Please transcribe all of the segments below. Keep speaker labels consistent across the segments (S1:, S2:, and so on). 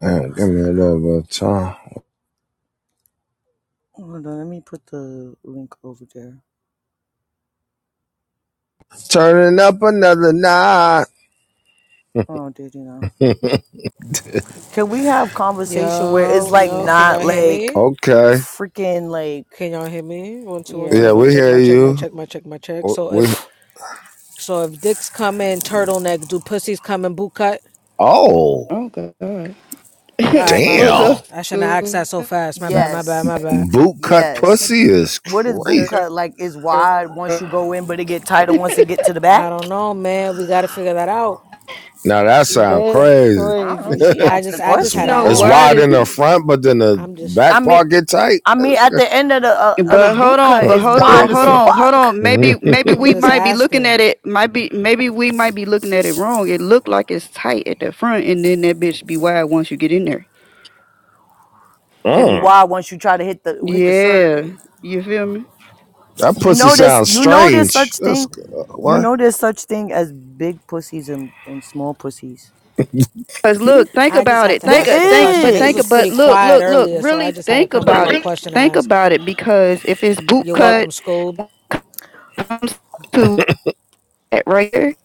S1: Uh, give me a little bit of time.
S2: Hold on, let me put the link over there.
S1: Turning up another night.
S2: Oh, did you know? Can we have conversation where it's
S3: Yo,
S2: like
S3: yo, can
S2: not
S3: y'all hear
S2: like
S3: me?
S1: Okay.
S2: freaking like
S3: Can y'all hear me? One, two, one, two,
S1: Yeah,
S2: yeah.
S3: mic
S1: we
S3: check,
S1: hear
S3: mic check, mic check,
S1: you.
S3: mic check, mic check. So
S1: We
S3: if so if dicks come in turtleneck, do pussies come in boot cut?
S1: oh
S4: Oh God.
S3: All right, my
S4: What's up,
S3: bad.
S1: damn.
S3: I shouldn't have asked
S4: school?
S3: that so fast. My bad, my bad,
S2: Yes.
S3: my bad.
S1: Boot cut
S2: Yes.
S1: pussy is
S2: What is boot
S1: crazy.
S2: cut like is wide once you go in but it get tighter once it get to the back?
S3: I don't know, man. We gotta figure that out.
S1: Now that sound
S4: That's
S1: crazy.
S2: I don't know.
S4: crazy.
S2: She
S3: I
S2: asked
S3: just
S2: the
S3: I just
S1: It's
S3: had to
S2: question.
S4: No,
S1: it's
S4: why
S3: ask.
S1: wide in the
S4: did?
S1: front, but then the
S3: I'm just
S2: I
S1: back
S2: mean
S1: part get tight.
S2: I mean
S1: That's,
S2: at the end of the uh, of the
S4: But hold
S2: boot
S4: on,
S2: cut
S4: but
S2: is
S4: hold
S5: There
S4: on,
S2: wide
S5: you
S2: as
S4: hold
S5: go.
S4: on, hold
S2: fuck.
S4: on. Maybe,
S1: Mhm.
S4: maybe
S3: I'm
S4: we
S3: just
S4: might be looking at
S3: asking.
S4: it. Might be, maybe we might be looking at it wrong. It looked like it's tight at the front, and then that bitch be wide once you get in there.
S2: It be
S1: mm,
S2: wide once you try to hit the hit the
S4: Yeah,
S2: survey.
S4: you feel me?
S1: that
S2: You
S1: pussy
S2: know this
S1: sounds
S2: you know there's
S1: strange.
S2: such
S1: That's
S2: thing
S1: uh,
S2: You
S1: what?
S2: know there's such thing as big pussies and, and small pussies.
S4: Cause look, think
S3: I just
S4: about
S3: had
S4: it.
S3: to
S2: There
S4: Think,
S3: ask
S4: a-
S3: the
S4: think,
S3: question.
S4: but
S3: Niggas
S4: think, a-
S3: was
S2: is.
S4: but
S3: pretty
S4: look,
S3: quiet
S4: look, look.
S3: earlier, so I
S4: Really
S3: just had to
S4: think
S3: come up
S4: about
S3: with a
S4: it.
S3: question to
S4: Think
S3: ask.
S4: about it. Because if it's boot
S3: You're
S4: cut,
S3: welcome, Scoob.
S4: when it comes to that right there,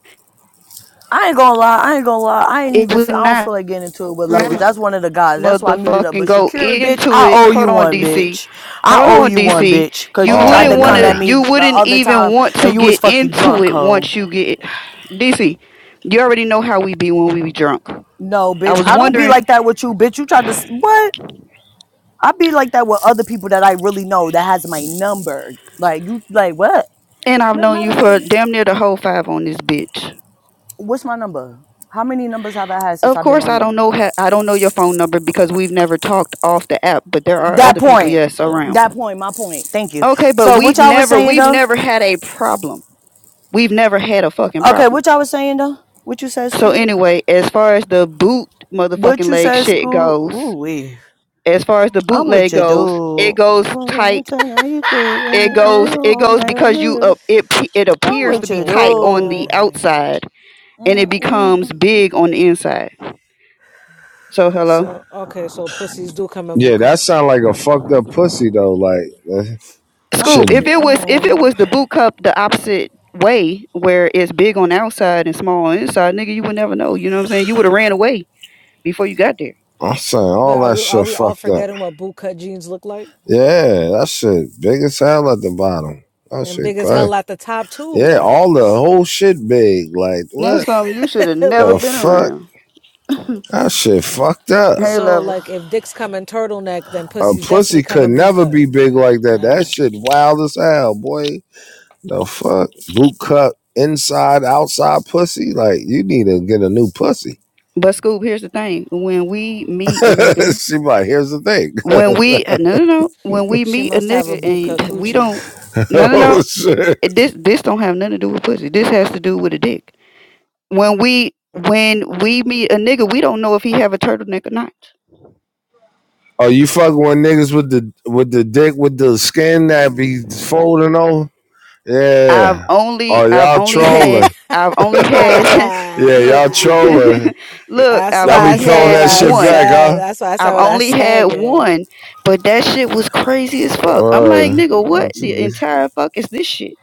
S2: I ain't gonna lie. I ain't gonna lie. I ain't
S4: it
S2: even.
S4: would
S2: Feel, I don't
S4: not
S2: feel like getting into it with levels.
S6: what?
S2: That's one of the guys. That's why I muted up.
S4: motherfucking
S2: But
S4: go
S2: Shakira, bitch,
S4: into
S2: I
S4: it.
S2: owe
S4: Hold
S2: you
S4: on,
S2: one,
S4: DC.
S2: bitch. I
S4: Hold
S2: owe
S4: on,
S2: you one,
S4: DC.
S2: bitch. Cause
S4: You
S2: you tried
S1: Oh
S4: wouldn't
S2: to
S4: want
S2: come at
S4: to.
S1: man.
S2: me
S4: You
S2: the
S4: wouldn't
S2: other
S4: even
S2: time
S4: want
S2: and
S4: to
S2: you was
S4: get
S2: fucking
S4: into
S2: drunk,
S4: it once
S2: ho.
S4: you get DC. You already know how we be when we be drunk.
S2: No,
S4: I
S2: bitch.
S4: was
S2: I don't be
S4: wondering,
S2: like that with you, bitch. You tried to s- what? I be like that with other people that I really know that has my number. Like you, like what?
S4: and I've
S2: Ma-
S4: known
S2: Matter
S4: you
S2: of fact,
S4: for damn near the whole five on this bitch.
S2: What's my number? How many numbers have I had since
S4: Of
S2: I've been
S4: course,
S2: on
S4: I don't
S2: here?
S4: know. Ha- I don't know your phone number because we've never talked off the app. But there are
S2: That
S4: other people,
S2: point.
S4: yes, around.
S2: That point. My point. Thank you.
S4: Okay, but
S2: So
S4: we've
S2: what y'all was
S4: never,
S2: saying
S4: we've
S2: though?
S4: never had a problem. We've never had a fucking
S2: Okay,
S4: problem.
S2: what y'all was saying though? What you said,
S4: So
S2: school?
S4: anyway, as far as the boot motherfucking
S2: What you
S4: leg
S2: said,
S4: shit
S2: school?
S4: goes,
S2: Ooh wee.
S4: as far as the
S2: I'm with
S4: bootleg
S2: you,
S4: goes, it
S2: dude.
S4: goes tight.
S2: you could,
S4: It goes, it goes because you uh, it pe- it
S2: I'm
S4: appears to
S2: with
S3: Not
S2: you,
S4: be
S3: the
S4: tight on the
S2: dude.
S3: bootleg.
S4: outside and it becomes
S2: Mm-mm.
S4: big on the inside. So hello.
S3: So okay, so pussies do come in
S1: Yeah,
S3: boot
S1: that
S3: cut.
S1: sound like a fucked up pussy though. Like that
S2: I'm
S4: Scoop,
S2: with
S4: if
S1: shit.
S2: you.
S4: it was if it
S2: Mm.
S4: was the boot cup the opposite way, where it's big on the outside and small on the inside, nigga, you would never know. You know what I'm saying? You would have ran away before you got there.
S1: I'm saying
S3: But
S1: all
S3: are
S1: that
S3: we are
S1: shit
S3: we all
S1: fucked up.
S3: forgetting what boot cut jeans look like?
S1: Yeah, that shit big as hell at the bottom. That
S3: And
S1: shit
S3: big as
S1: crazy.
S3: hell at the top too.
S1: Yeah,
S3: Like
S1: all the whole shit big. Like
S4: And that's
S1: what
S4: something you should have never
S1: the
S3: like
S4: been
S1: fuck?
S4: around.
S1: That shit fucked up.
S4: Hey,
S3: so like
S4: levels.
S3: if dicks come in turtleneck, then
S1: A
S3: pussies definitely
S1: pussy
S3: come
S1: could
S3: in boot
S1: never
S3: cut.
S1: be big like
S3: All
S1: that. That
S3: right.
S1: shit wild as hell, boy. The fuck? Boot cut inside, outside pussy. Like you need to get a new pussy.
S4: But Scoop, here's the thing: when we meet a nigga,
S1: she like, here's the thing.
S4: when we uh, no no no, when we
S3: She
S4: meet a
S3: must have a
S4: nigga
S3: boot cut
S4: and we
S3: coochie.
S4: don't no no no,
S1: oh shit.
S4: this this don't have nothing to do with pussy. This has to do with a dick. When we when we meet a nigga, we don't know if he have a turtleneck or not.
S1: Oh, you fucking with niggas with the with the dick with the skin that be folding over?
S4: I've
S1: Yeah. Oh,
S4: only I've
S1: y'all
S4: only had
S1: trolling.
S4: I've only had
S1: yeah,
S4: look
S1: y'all trolling.
S4: look,
S3: That's
S4: I've
S1: Y'all
S3: why
S1: be
S3: I
S4: only
S3: said
S1: pulling
S4: had
S3: what
S1: that
S3: I
S1: shit back,
S4: one.
S3: said.
S1: huh?
S3: That's why I said
S4: I've
S3: what I
S4: only
S3: said,
S4: had
S3: gang.
S4: one, but that shit was crazy as fuck. I'm like,
S1: Uh,
S4: nigga, what the entire fuck is this shit?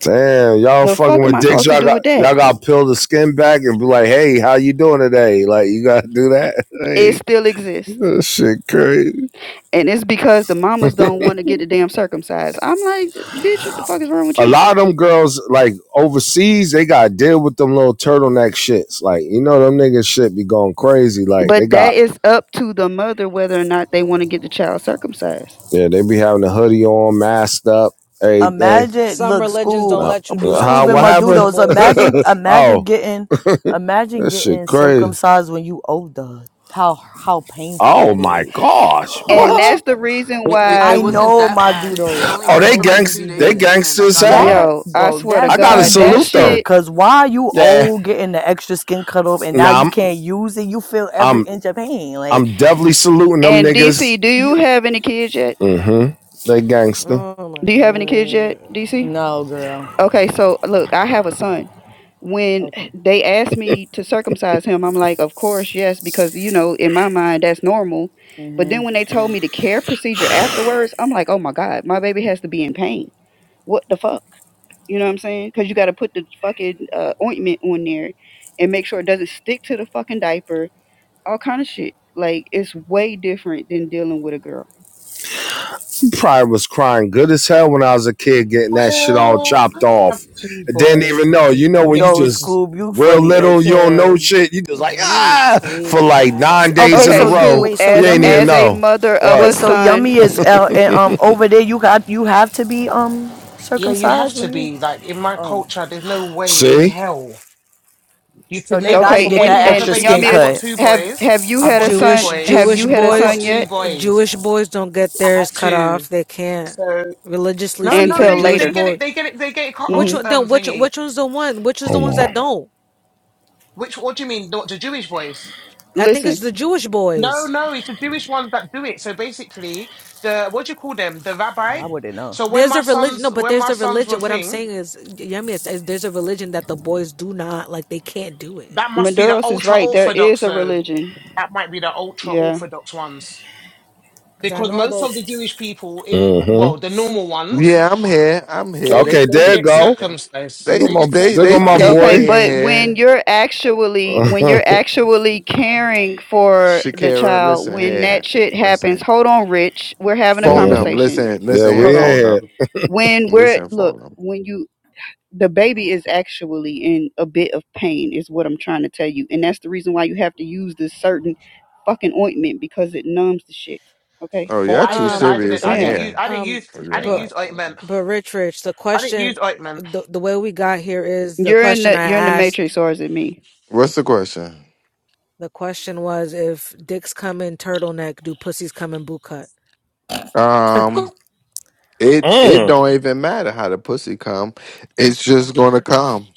S1: damn, y'all
S4: The
S1: fucking
S4: fuck am
S1: with
S4: I
S1: dicks.
S4: supposed to
S1: Y'all
S4: do
S1: got
S4: with that?
S1: y'all got to peel the skin back and be like, "Hey, how you doing today?" Like, you gotta do that.
S4: It
S1: Hey,
S4: still exists.
S1: this shit crazy.
S4: And it's because the mamas don't want to get the damn circumcised. I'm like, bitch, what the fuck is wrong with
S1: A
S4: you?
S1: lot of them girls, like overseas, they got to deal with them little turtleneck shits. Like, you know, them niggas shit be going crazy. Like, they
S4: But that
S1: got
S4: is up to the mother whether or not they want to get the child circumcised.
S1: yeah, they be having the hoodie on, masked up, everything.
S2: Imagine,
S3: Some
S2: look,
S3: religions
S2: Scoob,
S3: don't
S1: No.
S3: let you do that
S1: How?
S3: to
S2: Scoob and
S1: What
S3: your
S2: my
S3: to your
S1: happened?
S2: dudos.
S3: boys.
S2: Imagine, imagine
S1: oh,
S2: getting, imagine
S1: this shit
S2: getting
S1: crazy.
S2: circumcised when you older. How how painful
S1: Oh
S2: that
S1: my
S2: is.
S1: gosh,
S4: And
S1: what?
S4: that's the reason
S7: It, it, it
S2: I
S4: why
S7: wasn't
S2: know
S7: that
S2: my
S7: bad. It, it
S2: dudos.
S7: only
S2: I
S1: Oh,
S7: hurt
S1: they
S7: for
S2: know
S7: like
S2: people
S1: gangs.
S7: two
S2: be
S1: They
S2: doing it.
S7: days, and then I
S1: gangsters as
S7: got
S1: hell.
S7: over
S2: That
S7: it.
S4: Yo, I
S2: bro,
S4: swear to
S1: I
S2: that's
S1: gotta
S2: too
S4: God, that
S1: salute
S2: gangster.
S1: them.
S4: shit.
S2: Cause why you
S1: Yeah.
S2: old getting the extra skin cut off and now
S1: Nah,
S2: you
S1: I'm.
S2: can't use it? You feel every
S1: I'm.
S2: inch of pain. Like
S1: I'm definitely saluting them
S4: And
S1: niggas.
S4: DC, do you
S2: you.
S4: have any kids yet?
S1: Mm-hmm. They gangster.
S3: Oh my
S4: Do you have any kids yet, DC?
S3: god.
S2: No, girl.
S4: Okay, so look, I have a son. When
S2: Okay.
S4: they asked me to circumcise him, I'm like, of course, yes, because you know, in my mind, that's normal. But then
S2: Mhm.
S4: when they told
S2: Yeah.
S4: me the care procedure afterwards, I'm like, oh my God, my baby has to be in pain. What the fuck? You know what I'm saying? Because you got to put the fucking uh, ointment on there and make sure it doesn't stick to the fucking diaper all kind of shit. Like it's way different than dealing with a girl.
S1: probably was crying good as hell when I was a kid getting that shit all
S8: Well,
S1: chopped
S8: I
S1: off.
S8: have two
S1: And didn't
S8: boys,
S1: even know.
S8: and
S1: You know
S8: they
S1: when
S8: get
S1: you
S2: Those
S1: just
S8: siblings.
S2: Scoob, you
S1: real
S2: funny
S1: little,
S2: as
S1: you don't
S2: hell.
S1: know shit. You just like
S3: He
S1: ah for
S3: tweaked
S1: like
S3: out,
S2: S-
S1: nine days
S2: Okay,
S1: in a
S4: Okay,
S2: so y-
S3: bro.
S1: row.
S4: Scoop,
S2: wait, so
S1: You
S4: as
S1: ain't
S2: yummy,
S1: even
S4: as a
S1: know.
S4: mother of
S2: wait,
S4: a
S1: What?
S2: so yummy is
S4: son,
S2: uh, eh, um over there. You got you have to be um
S8: Yeah, you have
S2: circumcised
S8: to
S2: when you.
S8: be like in my
S2: Oh,
S8: culture. There's no way in, in
S1: See?
S8: hell you can
S2: so they
S8: never.
S2: got to
S4: okay,
S8: From
S2: get
S8: when
S4: and
S8: you
S2: that
S8: have a
S4: and
S2: extra skin
S8: baby,
S4: Yummy
S8: I've
S4: is
S8: got
S2: cut.
S8: two
S4: have
S8: boys.
S4: have you
S8: I've
S4: had a
S8: got two
S4: son?
S3: Jewish
S4: Have
S3: Jewish
S4: you
S8: boys.
S4: had a
S8: I've got
S4: son
S3: boys
S8: two
S4: yet?
S8: boys.
S3: Jewish boys don't get
S8: I
S3: theirs
S8: have
S3: cut
S8: two.
S3: off. They can't.
S8: So
S3: Religiously
S8: no, no,
S3: speaking,
S4: Until
S8: they
S3: Jewish
S8: they
S4: later.
S8: get
S3: boys.
S8: it. They get it. They get it cut
S3: Which
S4: hmm
S8: off.
S3: one?
S8: Um,
S3: Then which
S8: thingy.
S3: which one's the one? Which is the
S1: Hold
S3: ones
S1: on.
S3: that don't?
S8: Which what do you mean? Not the Jewish boys?
S3: I think it's
S4: Listen,
S3: the Jewish
S8: No,
S3: boys.
S8: no, it's the Jewish ones that do it. So basically, the what do you call them? The rabbi.
S2: I wouldn't know.
S8: So when
S3: There's
S8: my
S3: a religion.
S8: sons,
S3: No, but
S8: when
S3: there's
S8: my
S3: a
S8: sons were
S3: religion. What I'm
S8: thing.
S3: saying is, yummy. Is, is there's a religion that the boys do not like. They can't do it.
S8: That must be the
S4: Maduros is
S8: ultra
S4: right. There
S8: orthodox
S4: is a
S8: though. That
S4: religion.
S8: might be the ultra
S4: Yeah.
S8: orthodox ones.
S3: Because I
S8: Because
S3: know
S8: most
S3: though.
S8: of the Jewish people in well,
S1: Mm-hmm.
S8: the normal ones,
S9: Yeah, I'm here. I'm here. They
S8: they
S1: Okay,
S8: they
S1: there
S9: ping
S1: you
S8: get
S9: me
S1: go.
S9: here.
S1: There
S8: circumcised.
S9: They
S1: go
S8: They
S1: my
S8: get
S9: they
S1: there go
S9: they
S1: my
S8: circumcised.
S9: ping
S4: Okay,
S1: boy.
S9: me in
S4: but when
S9: here.
S4: you're actually when you're actually caring for the
S9: Shakira,
S4: child,
S9: listen
S4: when
S9: here.
S4: that shit happens,
S9: Listen.
S4: hold on, Rich. We're having a
S9: Phone
S1: Mhm.
S9: them.
S4: conversation.
S9: Listen.
S1: yeah,
S9: Listen here,
S4: Hold
S1: we
S4: on.
S9: phone
S1: ain't
S9: them.
S4: when we're
S9: Listen,
S4: look
S9: phone them.
S4: when you the baby is actually in a bit of pain is what i'm trying to tell you and that's the reason why you have to use this certain fucking ointment because it numbs the shit okay
S9: Oh,
S8: Well
S9: y'all
S8: I
S9: too
S8: didn't I
S3: Um.
S8: didn't
S9: serious
S8: I
S9: in
S8: didn't
S4: damn
S8: use
S9: here.
S8: I didn't
S3: Um.
S8: use
S9: Oh,
S8: I didn't
S9: Yeah.
S3: but.
S8: use ointment.
S3: But Rich Rich, the
S8: I didn't use
S3: question
S8: ointment.
S3: the the way we got here is the
S4: you're in
S3: question
S4: the
S3: I
S4: you're in the
S3: asked.
S4: matrix or is it me
S9: What's the question?
S3: The question was if dicks come in turtleneck, do pussies come in boot cut?
S9: Um,
S1: here.
S9: it it
S1: Mm.
S9: don't even matter how the pussy come. It's just gonna come.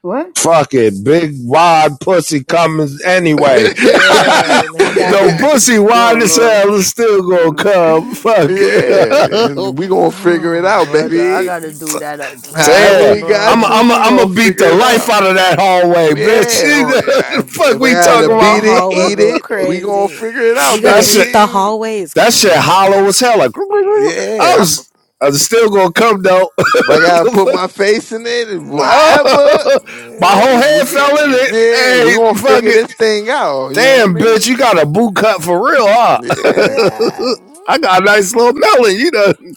S4: what
S1: Fuck it. Big wide pussy
S3: Rich.
S1: coming anyway.
S9: yeah.
S3: Yeah, he got
S1: no
S3: that.
S1: pussy
S4: oh
S1: wide as
S4: lord
S1: hell is still gonna
S4: uh-uh.
S1: come. Fuck it.
S9: And we gonna figure it
S2: Oh,
S9: out,
S2: brother, I
S9: baby.
S2: gotta do that
S9: However
S1: Damn.
S2: again,
S9: we got
S1: I'm
S2: bro.
S9: to,
S1: I'm
S9: we
S1: I'm
S9: gonna
S1: gonna beat
S9: figure
S1: the
S9: it
S1: life
S9: out.
S1: out of that hallway, bitch.
S9: Yeah, oh, yeah,
S1: the
S9: if,
S1: fuck
S9: if I
S1: we
S3: Out
S9: gotta
S1: talking
S3: of
S1: about?
S3: the
S9: beat it,
S3: hallway
S9: eat
S3: go
S9: it, we gonna
S3: crazy.
S9: figure it out,
S3: You're
S1: That
S3: gonna
S1: shit
S3: eat the
S9: baby.
S3: hallway is
S1: that shit hollow
S3: crazy.
S1: as hell. Like
S9: Yeah,
S1: I
S9: I'm,
S1: was
S9: if
S1: I was still gonna come though.
S9: I gotta put my face in it,
S3: Mm,
S9: however,
S1: Oh, My whole
S9: if we,
S1: head fell
S9: get-
S1: in
S3: Yeah.
S1: it.
S9: yeah, we
S1: Hey,
S9: gonna
S1: fuck
S9: figure
S1: it.
S9: this thing out. You hear
S1: Damn,
S9: me?
S1: bitch, you got a boot cut for real, huh?
S9: Yeah,
S3: Yeah.
S1: I got a nice little melon. You done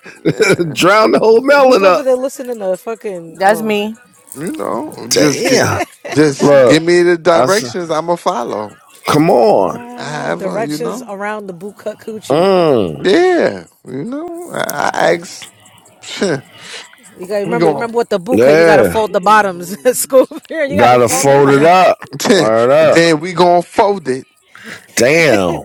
S9: yeah.
S1: drowned the whole
S3: Who- Who's
S1: melon
S3: over
S1: up.
S3: there listening to fucking
S2: That's
S3: oh
S2: me.
S9: You know, just get,
S1: Damn.
S9: just give
S1: Look,
S9: me the
S1: I said,
S9: directions. I'ma follow.
S1: come on.
S3: what
S9: However, you
S3: directions
S9: know.
S3: around the boot cut coochie?
S1: Mm,
S9: Yeah, you know, I, I ask
S3: You gotta
S9: we
S3: remember, you
S9: going
S3: remember with the buka, you gotta
S1: yeah.
S2: Bitch,
S3: fold the
S2: Lulu,
S3: bottoms.
S2: no,
S3: Scoop here, you gotta
S1: Gotta
S3: fold them
S1: fold
S3: out.
S1: it up. Word up.
S9: then we gonna fold it.
S1: Damn.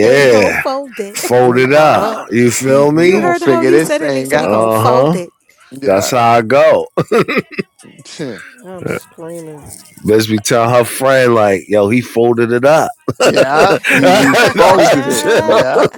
S3: Then we gonna fold it.
S1: Fold
S9: We
S1: it up. You feel
S3: you
S9: gonna
S1: me?
S3: heard how
S9: figure
S3: he
S9: this
S3: said it, nigga.
S9: thing
S3: So we gonna
S9: out.
S1: Uh
S3: fold
S1: huh.
S3: it.
S1: That's
S9: Yeah,
S1: how I go.
S3: I'm screaming.
S1: Bitch be telling her friend, like, yo, he folded it up.
S9: yeah. He, he folded it. Yeah.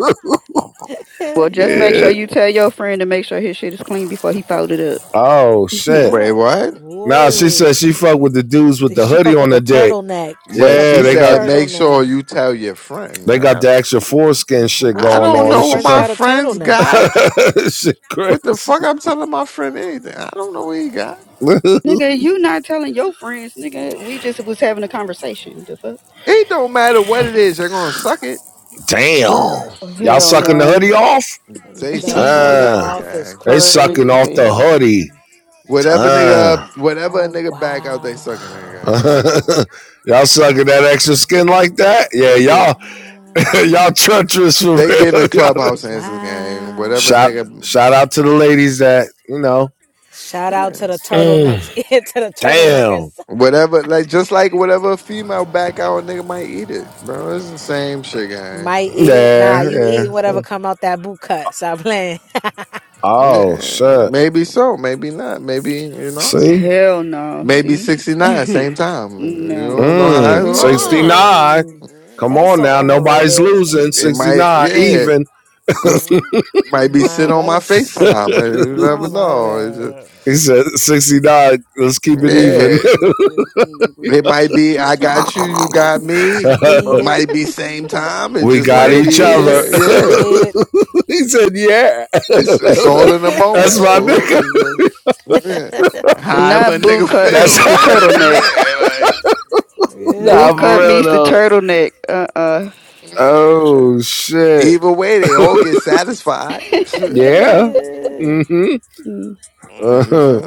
S4: well just make sure
S1: yeah.
S4: you
S3: oh,
S4: tell your friend to make sure his shit is clean before he fouled it up
S1: Oh, shit.
S9: Wait, what?
S1: Nah, she
S3: whoa.
S1: said she fuck with the dudes with the
S3: She
S1: hoodie
S3: fuck
S1: on
S3: with
S1: the
S3: a
S1: dick.
S3: turtleneck. She
S9: But
S3: fuck
S1: Yeah,
S9: she
S3: with a
S1: they got
S9: said, make sure
S3: turtleneck.
S9: you tell your friend.
S1: they got
S9: I
S1: the extra foreskin shit
S3: Which
S9: I
S1: going
S3: one of
S9: don't
S1: on.
S3: his
S9: know
S1: It's
S9: what
S3: friends
S1: Chicago.
S9: my
S3: got a
S9: friends
S3: turtleneck?
S9: got.
S1: Shit
S9: What the
S1: crazy.
S9: fuck? I'm telling my friend anything. I don't know what he got.
S4: nigga you not telling your friends nigga we just was having a conversation the fuck
S9: It don't matter what it is. They're gonna suck it.
S1: Damn.
S8: Ew.
S1: Y'all
S3: Nigga
S4: hell
S1: sucking
S3: said,
S1: the
S4: no
S1: hoodie off?
S9: They
S3: the
S9: sucking
S4: you
S3: hoodie
S9: whatever,
S1: Damn.
S3: off
S9: gang.
S3: is
S1: They sucking
S4: crazy as
S1: off
S4: hell
S1: the hoodie.
S3: crazy.
S9: Whatever
S1: Damn.
S9: nigga, whatever a
S3: Oh,
S9: nigga back out, they sucking
S3: wow.
S9: nigga.
S1: y'all sucking that extra skin like
S3: Wow.
S9: Gang.
S1: that? Yeah,
S9: They give,
S1: y'all
S3: Wow.
S1: y'all treacherous for
S9: they
S1: real.
S9: giving
S1: Y'all-
S3: Oh,
S9: clubhouse answers, gang. Whatever
S1: shout
S3: wow.
S9: nigga,
S1: shout out to the ladies that, you know.
S3: Shout out
S9: yeah.
S3: to the turtlenecks,
S1: Mm,
S3: to the
S1: Damn.
S3: turtleneckers.
S9: whatever, like just like whatever female back out, a nigga might eat it, bro. It's the same shit, gang.
S3: Might eat it. Nah,
S1: Yeah,
S3: you
S1: yeah.
S3: eating whatever
S1: Mm.
S3: come out that boot cut. Stop playing.
S1: Oh
S9: Yeah,
S1: shit.
S9: maybe so, maybe not, maybe you know,
S1: See?
S4: Hell no.
S9: maybe
S4: See?
S9: sixty nine, same time. You
S4: No.
S9: don't know how it's
S1: Mm,
S9: going.
S8: No.
S1: 69.
S3: Ew.
S9: Yeah.
S1: Come
S3: That is
S1: on
S3: so
S1: now.
S2: I'm not
S1: Nobody's
S3: overrated.
S2: your baby
S1: losing.
S9: It
S2: nigga.
S9: might,
S1: 69
S9: yeah,
S1: even.
S9: Mhm. might be sit
S3: Nah,
S9: on
S3: that
S9: my
S3: is.
S2: I'm
S9: Facetime.
S2: a real
S9: You
S2: P.
S9: never
S3: Oh my
S9: know.
S3: God.
S1: He said, 69, let's keep it
S2: Look, that
S1: even.
S9: Yeah,
S2: nigga still in
S9: it
S2: real
S9: might
S2: tea.
S9: be I
S2: Bitch, I
S9: got
S2: miss
S9: you,
S2: your
S9: you
S2: dude.
S9: got
S2: Big dick
S9: me.
S2: ain't
S3: Beat
S9: But
S2: can
S3: it.
S9: might
S2: roll
S9: be same time. It
S1: we
S9: just
S1: got
S3: Beat
S9: might
S3: it,
S1: each
S9: be
S1: other.
S9: yeah,
S3: Cletus.
S9: yeah.
S3: Beat
S1: he said, yeah.
S9: It's it's all in the moment,
S1: That's my
S3: it.
S9: school.
S1: nigga.
S9: It's just yeah. However a
S4: Not
S9: nigga
S4: boot cut
S1: That's
S4: meets
S9: feel
S1: how.
S4: the
S9: right then and
S4: turtleneck.
S9: there. Like
S1: Nah,
S4: Boot
S3: yeah.
S1: for
S4: cut
S1: real
S4: meets the
S1: though.
S4: turtleneck. Uh uh
S9: yeah.
S1: Oh, shit.
S9: either way, they all get satisfied.
S1: Yeah.
S3: Ooh.
S1: Mm-hmm.
S4: Mm.
S9: I
S1: Uh-huh.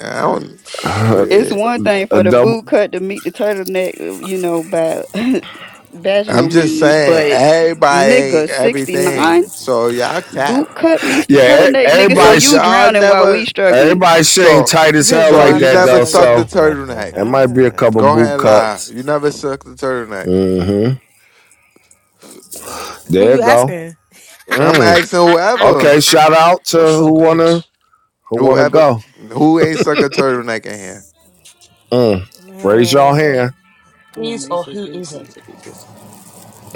S9: don't
S1: Uh,
S4: It's
S9: shit.
S4: one thing
S1: a
S4: for the
S1: double.
S4: boot cut to meet the turtleneck, you know, by
S9: I'm
S4: vaginal
S9: just
S4: means,
S9: saying,
S4: but
S9: everybody ain't
S4: nigga, 69?
S9: everything. So y'all cap.
S4: Boot cut meets the
S1: Yeah, e-
S4: turtleneck, nigga. So
S1: everybody,
S9: If
S4: you
S1: sh-
S9: y'all
S4: drowning while
S9: never
S4: we struggling.
S1: everybody shane
S9: So,
S1: tight as hell
S9: so
S1: like
S3: John
S9: you
S3: and
S1: that
S3: us
S9: never
S1: though,
S9: sucked a
S3: struggling.
S1: so
S9: turtleneck.
S1: it might be a couple
S9: Go ahead,
S1: boot
S9: and lie.
S1: cups.
S9: You never sucked a turtleneck.
S1: Mm-hmm.
S3: Who
S1: There you
S3: you
S1: go.
S3: asking?
S9: I'm
S1: Mm.
S9: asking whoever,
S1: Okay, shout out to
S8: God
S1: who wanna
S8: forbid.
S1: Who want to
S9: whoever,
S1: go?
S9: who ain't suck a turtleneck in here.
S1: Mm. Raise your
S3: Man,
S1: hand.
S2: I'm a
S8: Is or
S2: Mesa's
S8: who
S2: big G bitch.
S8: isn't?
S2: be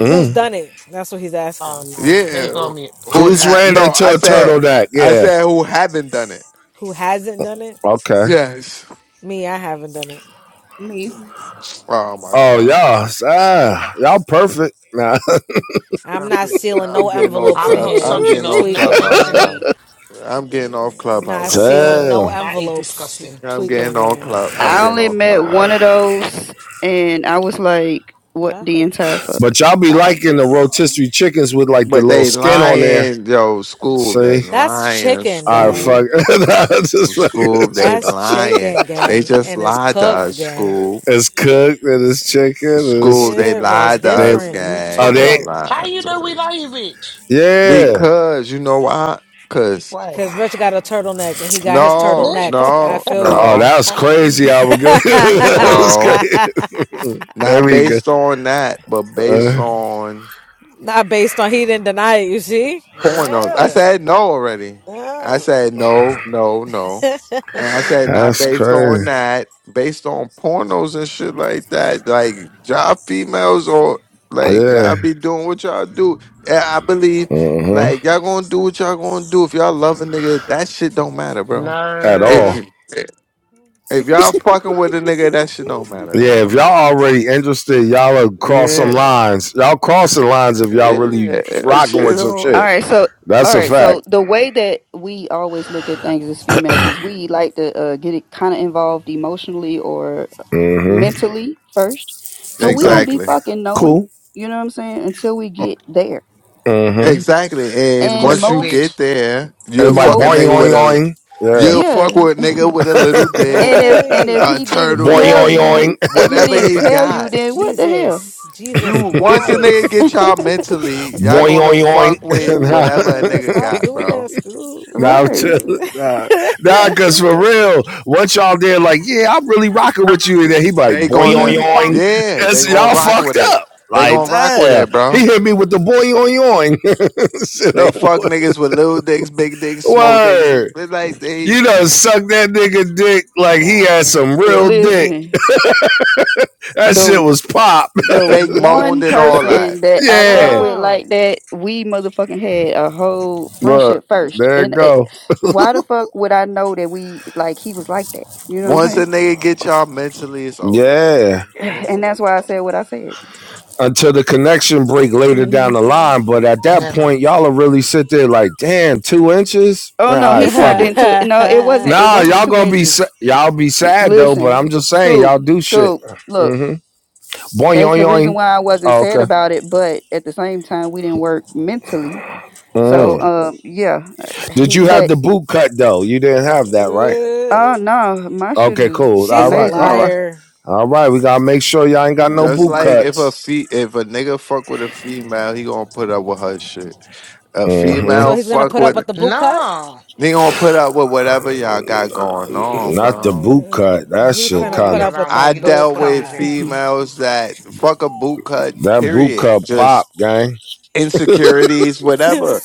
S3: who's done it? That's what he's
S8: Oh
S3: asking.
S8: no. Let me
S9: Yeah,
S8: go on mute.
S9: who?
S1: Who's
S9: Ha-
S1: ran
S9: no, I
S1: into a turtle
S9: said,
S1: neck?
S9: I
S1: Yeah.
S9: said who haven't done it.
S3: Who hasn't done it?
S1: Okay.
S9: Yes.
S3: Me, I haven't done it.
S9: Oh my
S1: Oh,
S9: god.
S1: y'all. Ah, y'all perfect. Nah.
S3: I'm
S9: I'm
S3: not
S9: getting,
S3: sealing
S9: I'm
S3: no
S9: getting off
S3: envelopes
S8: I'm
S3: in
S9: club.
S8: not
S3: here.
S9: I'm
S3: You
S8: sucking
S9: getting
S8: off
S9: off
S8: no
S3: tweaking,
S9: clubhouse,
S8: extra
S3: gang.
S9: bro.
S8: meat.
S9: I'm getting off
S3: Yeah, I'm
S9: clubhouse,
S3: not
S9: bro.
S3: sealing no
S1: Damn.
S8: That is
S3: envelopes. You
S8: disgusting.
S9: I'm getting
S3: tweaking,
S9: off
S3: gang.
S9: club. I'm
S4: I
S9: getting
S4: only
S9: off
S4: met one
S9: clubhouse.
S4: of those, and I was like, what
S2: God,
S4: the entire fuck?
S1: But y'all be
S2: god
S1: liking the
S2: damn.
S1: rotisserie chickens with like the
S9: But
S1: little
S9: they
S1: skin on there.
S9: lying, yo, school. They
S1: See?
S3: That's
S9: lying,
S3: chicken,
S1: All right,
S3: gang.
S1: fuck.
S9: school.
S1: just
S9: School,
S1: fucking-
S9: they
S3: That's
S9: lying.
S3: chicken,
S9: They
S3: gang,
S9: just
S3: and it's
S9: lied to
S3: cooked,
S9: us,
S3: gang.
S9: school.
S1: it's cooked and it's chicken and it's
S9: School, they
S3: Yeah, bro, it's
S9: lied to
S1: they
S9: us,
S3: different. You
S1: Oh
S9: gang.
S3: talking
S9: They
S1: they
S3: about
S8: How
S9: lied
S8: you
S9: to
S8: know we
S9: us.
S8: love you, bitch?
S1: yeah.
S9: Because, you know why? Because,
S8: Why?
S3: because Rich got a turtleneck and he got his
S9: no,
S3: turtlenecked. I
S9: no,
S3: feel
S1: Oh,
S3: you.
S9: no,
S1: that's
S9: n-
S1: crazy. I would go.
S8: I'm
S1: that's
S8: crying.
S9: no.
S1: crazy. There
S9: Not
S1: we go.
S9: based on that, but based
S1: Uh,
S9: on
S3: Not based on he didn't deny it. You see?
S9: pornos. I
S3: Yeah.
S9: said no already. I
S3: No.
S9: said no, no, no. And I said, now
S1: that's
S9: based on
S1: crazy.
S9: that, based on pornos and shit like that, like y'all females or like y'all
S1: Yeah.
S9: be doing what y'all do. And I believe
S1: hmm
S9: like y'all gonna do what y'all gonna do. If y'all love a nigga, that shit don't matter, bro.
S1: At
S8: No,
S1: all.
S9: If if y'all fucking with a nigga, that shit don't matter,
S1: Yeah, if
S9: bro.
S1: y'all already interested, y'all are cross some
S9: Yeah.
S1: lines. Y'all crossing lines if y'all really
S9: Yeah, that
S1: rocking
S9: shit
S1: with some
S4: All
S9: don't
S1: shit.
S4: right, so all
S1: That's a
S4: right, so
S1: fact.
S4: the way that we always look at things as females is we like to uh, get it kind of involved emotionally or
S1: Mm-hmm.
S4: mentally first. So we don't
S1: Okay.
S4: be
S9: Exactly.
S4: fucking knowing,
S1: Cool.
S4: you know what I'm saying, until we get there.
S1: Mm-hmm.
S9: Exactly. And
S8: God
S4: And
S9: once you
S8: forbid.
S4: most
S9: get there, you'll
S1: Anybody
S9: fuck a
S1: boing
S4: most
S9: nigga with
S1: oing
S9: a
S1: oing? Yeah.
S9: you'll fuck
S4: yeah.
S9: with a nigga with a little dick.
S4: And if and if
S9: a
S3: Nay.
S4: he didn't
S1: Boing
S4: tell
S9: turtleneck,
S1: oing oing.
S4: you, if he
S9: whatever
S4: didn't
S9: he
S4: tell you,
S9: got.
S4: then what the hell?
S3: Jesus,
S9: You
S3: Jesus
S9: once a nigga get
S3: Christ.
S9: y'all mentally, y'all
S1: Boing
S9: gonna
S1: oing
S9: fuck
S1: oing.
S9: with
S1: nah,
S9: whatever a
S3: Ooh,
S9: nigga
S3: stop
S9: got,
S3: doing
S9: bro.
S3: that, Screw.
S1: nah, I'm
S4: Right.
S1: chill.
S3: Ew.
S1: Nah. nah, cause for real, once y'all did like, yeah, I'm really rocking with you, and then he be like
S9: They
S1: boing
S9: gonna
S1: oing
S10: God
S1: oing.
S9: yeah, they
S1: That's
S9: gonna
S1: y'all
S9: rock with
S1: fucked
S9: it.
S1: up.
S9: They
S1: Like,
S9: gonna rock with
S1: damn.
S9: it,
S1: He
S9: bro.
S1: hit me with the boing oing oing. Shit,
S9: They
S1: oh,
S9: fuck niggas with little dicks, big dicks, small dicks.
S1: word.
S9: They like they
S1: You done suck that nigga dick
S9: come
S1: like he
S9: on,
S1: had
S9: bro.
S1: some real dick.
S4: Listen.
S1: That
S4: the.
S1: shit was pop.
S4: the
S9: Fake
S4: one
S9: moaned and all that.
S4: person that I dealt
S1: Yeah.
S4: with
S3: no.
S4: like that, we motherfucking had a whole
S1: Look,
S4: friendship first.
S1: there it
S4: And it,
S1: go.
S4: why the fuck would I know that we like he was like that? You know what
S9: Once a
S4: I'm
S9: nigga get y'all mentally, it's over, bro.
S1: Yeah.
S9: It's
S2: This
S4: saying?
S9: over.
S2: bitch
S4: And
S2: go
S4: that's why
S2: fuck
S4: I
S2: on
S4: said
S2: my.
S4: what I said.
S1: Until the connection break later
S4: hmm
S1: down the line. But at that
S8: Never.
S1: point, y'all will really sit there like, damn, two inches?
S4: Oh
S1: Man,
S4: no,
S1: all right,
S4: he
S1: fuck
S4: turned
S1: it.
S4: into no. It wasn't. It
S1: Nah,
S4: wasn't
S1: y'all
S4: two
S1: gonna be sa-
S4: inches.
S1: y'all be sad though, but
S4: Listen,
S1: I'm just saying
S4: Scoop,
S1: y'all do shit.
S4: Scoop. Look,
S1: Mm-hmm. Boing
S4: that's
S1: yoing
S4: the reason
S1: yoing.
S4: why I wasn't
S1: Oh,
S4: sad
S1: okay.
S4: about it. But at the same time, we didn't work mentally. So
S1: Mm.
S4: um, yeah,
S1: Did
S4: he.
S1: you have
S4: But
S1: the boot cut though? You didn't have that, right?
S4: Oh
S3: Ooh.
S4: no, my shit
S1: Okay,
S4: is
S1: cool.
S3: She's
S1: All
S3: a
S1: right, all
S4: amazing.
S1: right,
S3: liar.
S1: all right. We gotta make sure y'all ain't got no
S9: Just
S1: boot
S9: like
S2: Mm.
S9: if a
S1: cuts.
S9: fe- if a nigga fuck with a female, he gonna put up with her shit. A
S1: Mm-hmm.
S9: female
S3: So he's gonna
S9: fuck
S3: put up
S9: with
S3: with the boot cut?
S8: No,
S9: he gonna put up with whatever y'all got
S3: Yeah.
S9: going on,
S1: Not the
S9: bro.
S1: boot cut. That
S3: He
S8: I'm
S1: shit
S3: finna
S8: Willy
S3: put
S1: kind of
S3: up with
S8: around for
S3: the
S9: I
S8: you not to
S3: boot
S9: dealt
S8: pull up
S9: with
S8: with
S3: cut.
S8: it.
S4: Mhm.
S9: females that fuck a boot cut,
S1: that boot
S9: period.
S1: cut pop,
S9: Just
S1: gang.
S9: insecurities, whatever.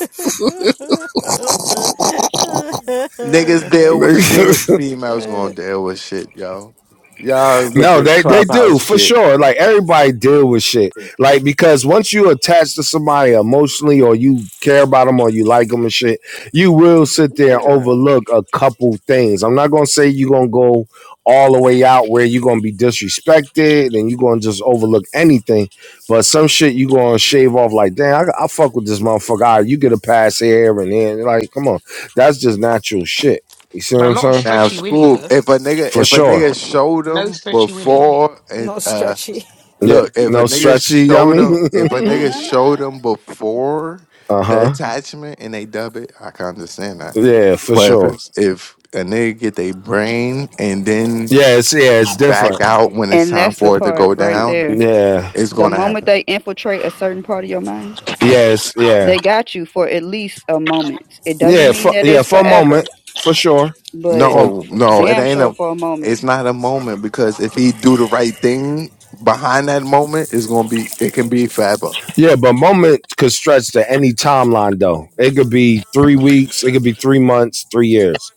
S9: Niggas deal with
S1: Nigga
S9: shit. Females gonna deal with shit, yo. Y'all with
S1: No,
S9: this
S1: they, they
S9: clubhouse
S1: do for
S9: shit.
S1: sure. Like everybody deal with shit. Like because once you attach to somebody emotionally, or you care about them, or you like them and shit, you will sit there and
S9: Yeah.
S1: overlook a couple things. I'm not gonna say you're gonna go all the way out where you're gonna be disrespected and you're gonna just overlook anything, but some shit you gonna shave off. Like damn, I, I fuck with this motherfucker. Ah, you get a pass here and then. Like come on, that's just natural shit. You see what
S8: But I'm
S1: I'm
S8: not a
S1: saying?
S9: Now,
S8: stretchy Willy,
S9: school.
S8: though.
S9: If a nigga,
S1: For
S9: if a
S1: sure.
S9: nigga showed
S8: No
S9: them
S8: stretchy Willy.
S9: before,
S3: no stretchy.
S1: Yeah.
S9: Look, if a
S1: No
S9: nigga
S1: stretchy,
S9: showed
S1: yummy.
S9: them, if a nigga showed them before
S1: uh
S9: the
S1: huh.
S9: attachment and they dub it, I can understand that.
S1: Yeah, for
S9: But if
S1: sure.
S9: it's- if a nigga get their brain and then
S1: Yeah, it's yeah, it's
S9: back
S1: different.
S9: out when it's
S4: And
S9: time
S4: that's the
S9: for it to
S4: part
S9: go
S4: right
S9: down,
S4: there.
S1: Yeah.
S9: it's
S4: The
S9: gonna
S4: moment
S9: happen.
S4: they infiltrate a certain part of your mind,
S1: Yeah, it's
S4: they
S1: yeah.
S4: got you for at least a moment. It doesn't
S1: Yeah,
S4: mean
S1: for
S4: that
S1: yeah,
S4: it's
S1: for a moment,
S4: forever,
S1: for sure.
S4: but
S1: From
S9: No,
S4: f-
S1: for,
S9: no, it
S4: damn
S9: ain't
S4: sure
S9: a.
S4: for a moment.
S9: It's not a moment because if he do the right thing behind that moment, it's gonna be. It can be forever.
S1: yeah, but moment could stretch to any timeline though. It could be three weeks, it could be three months, three years.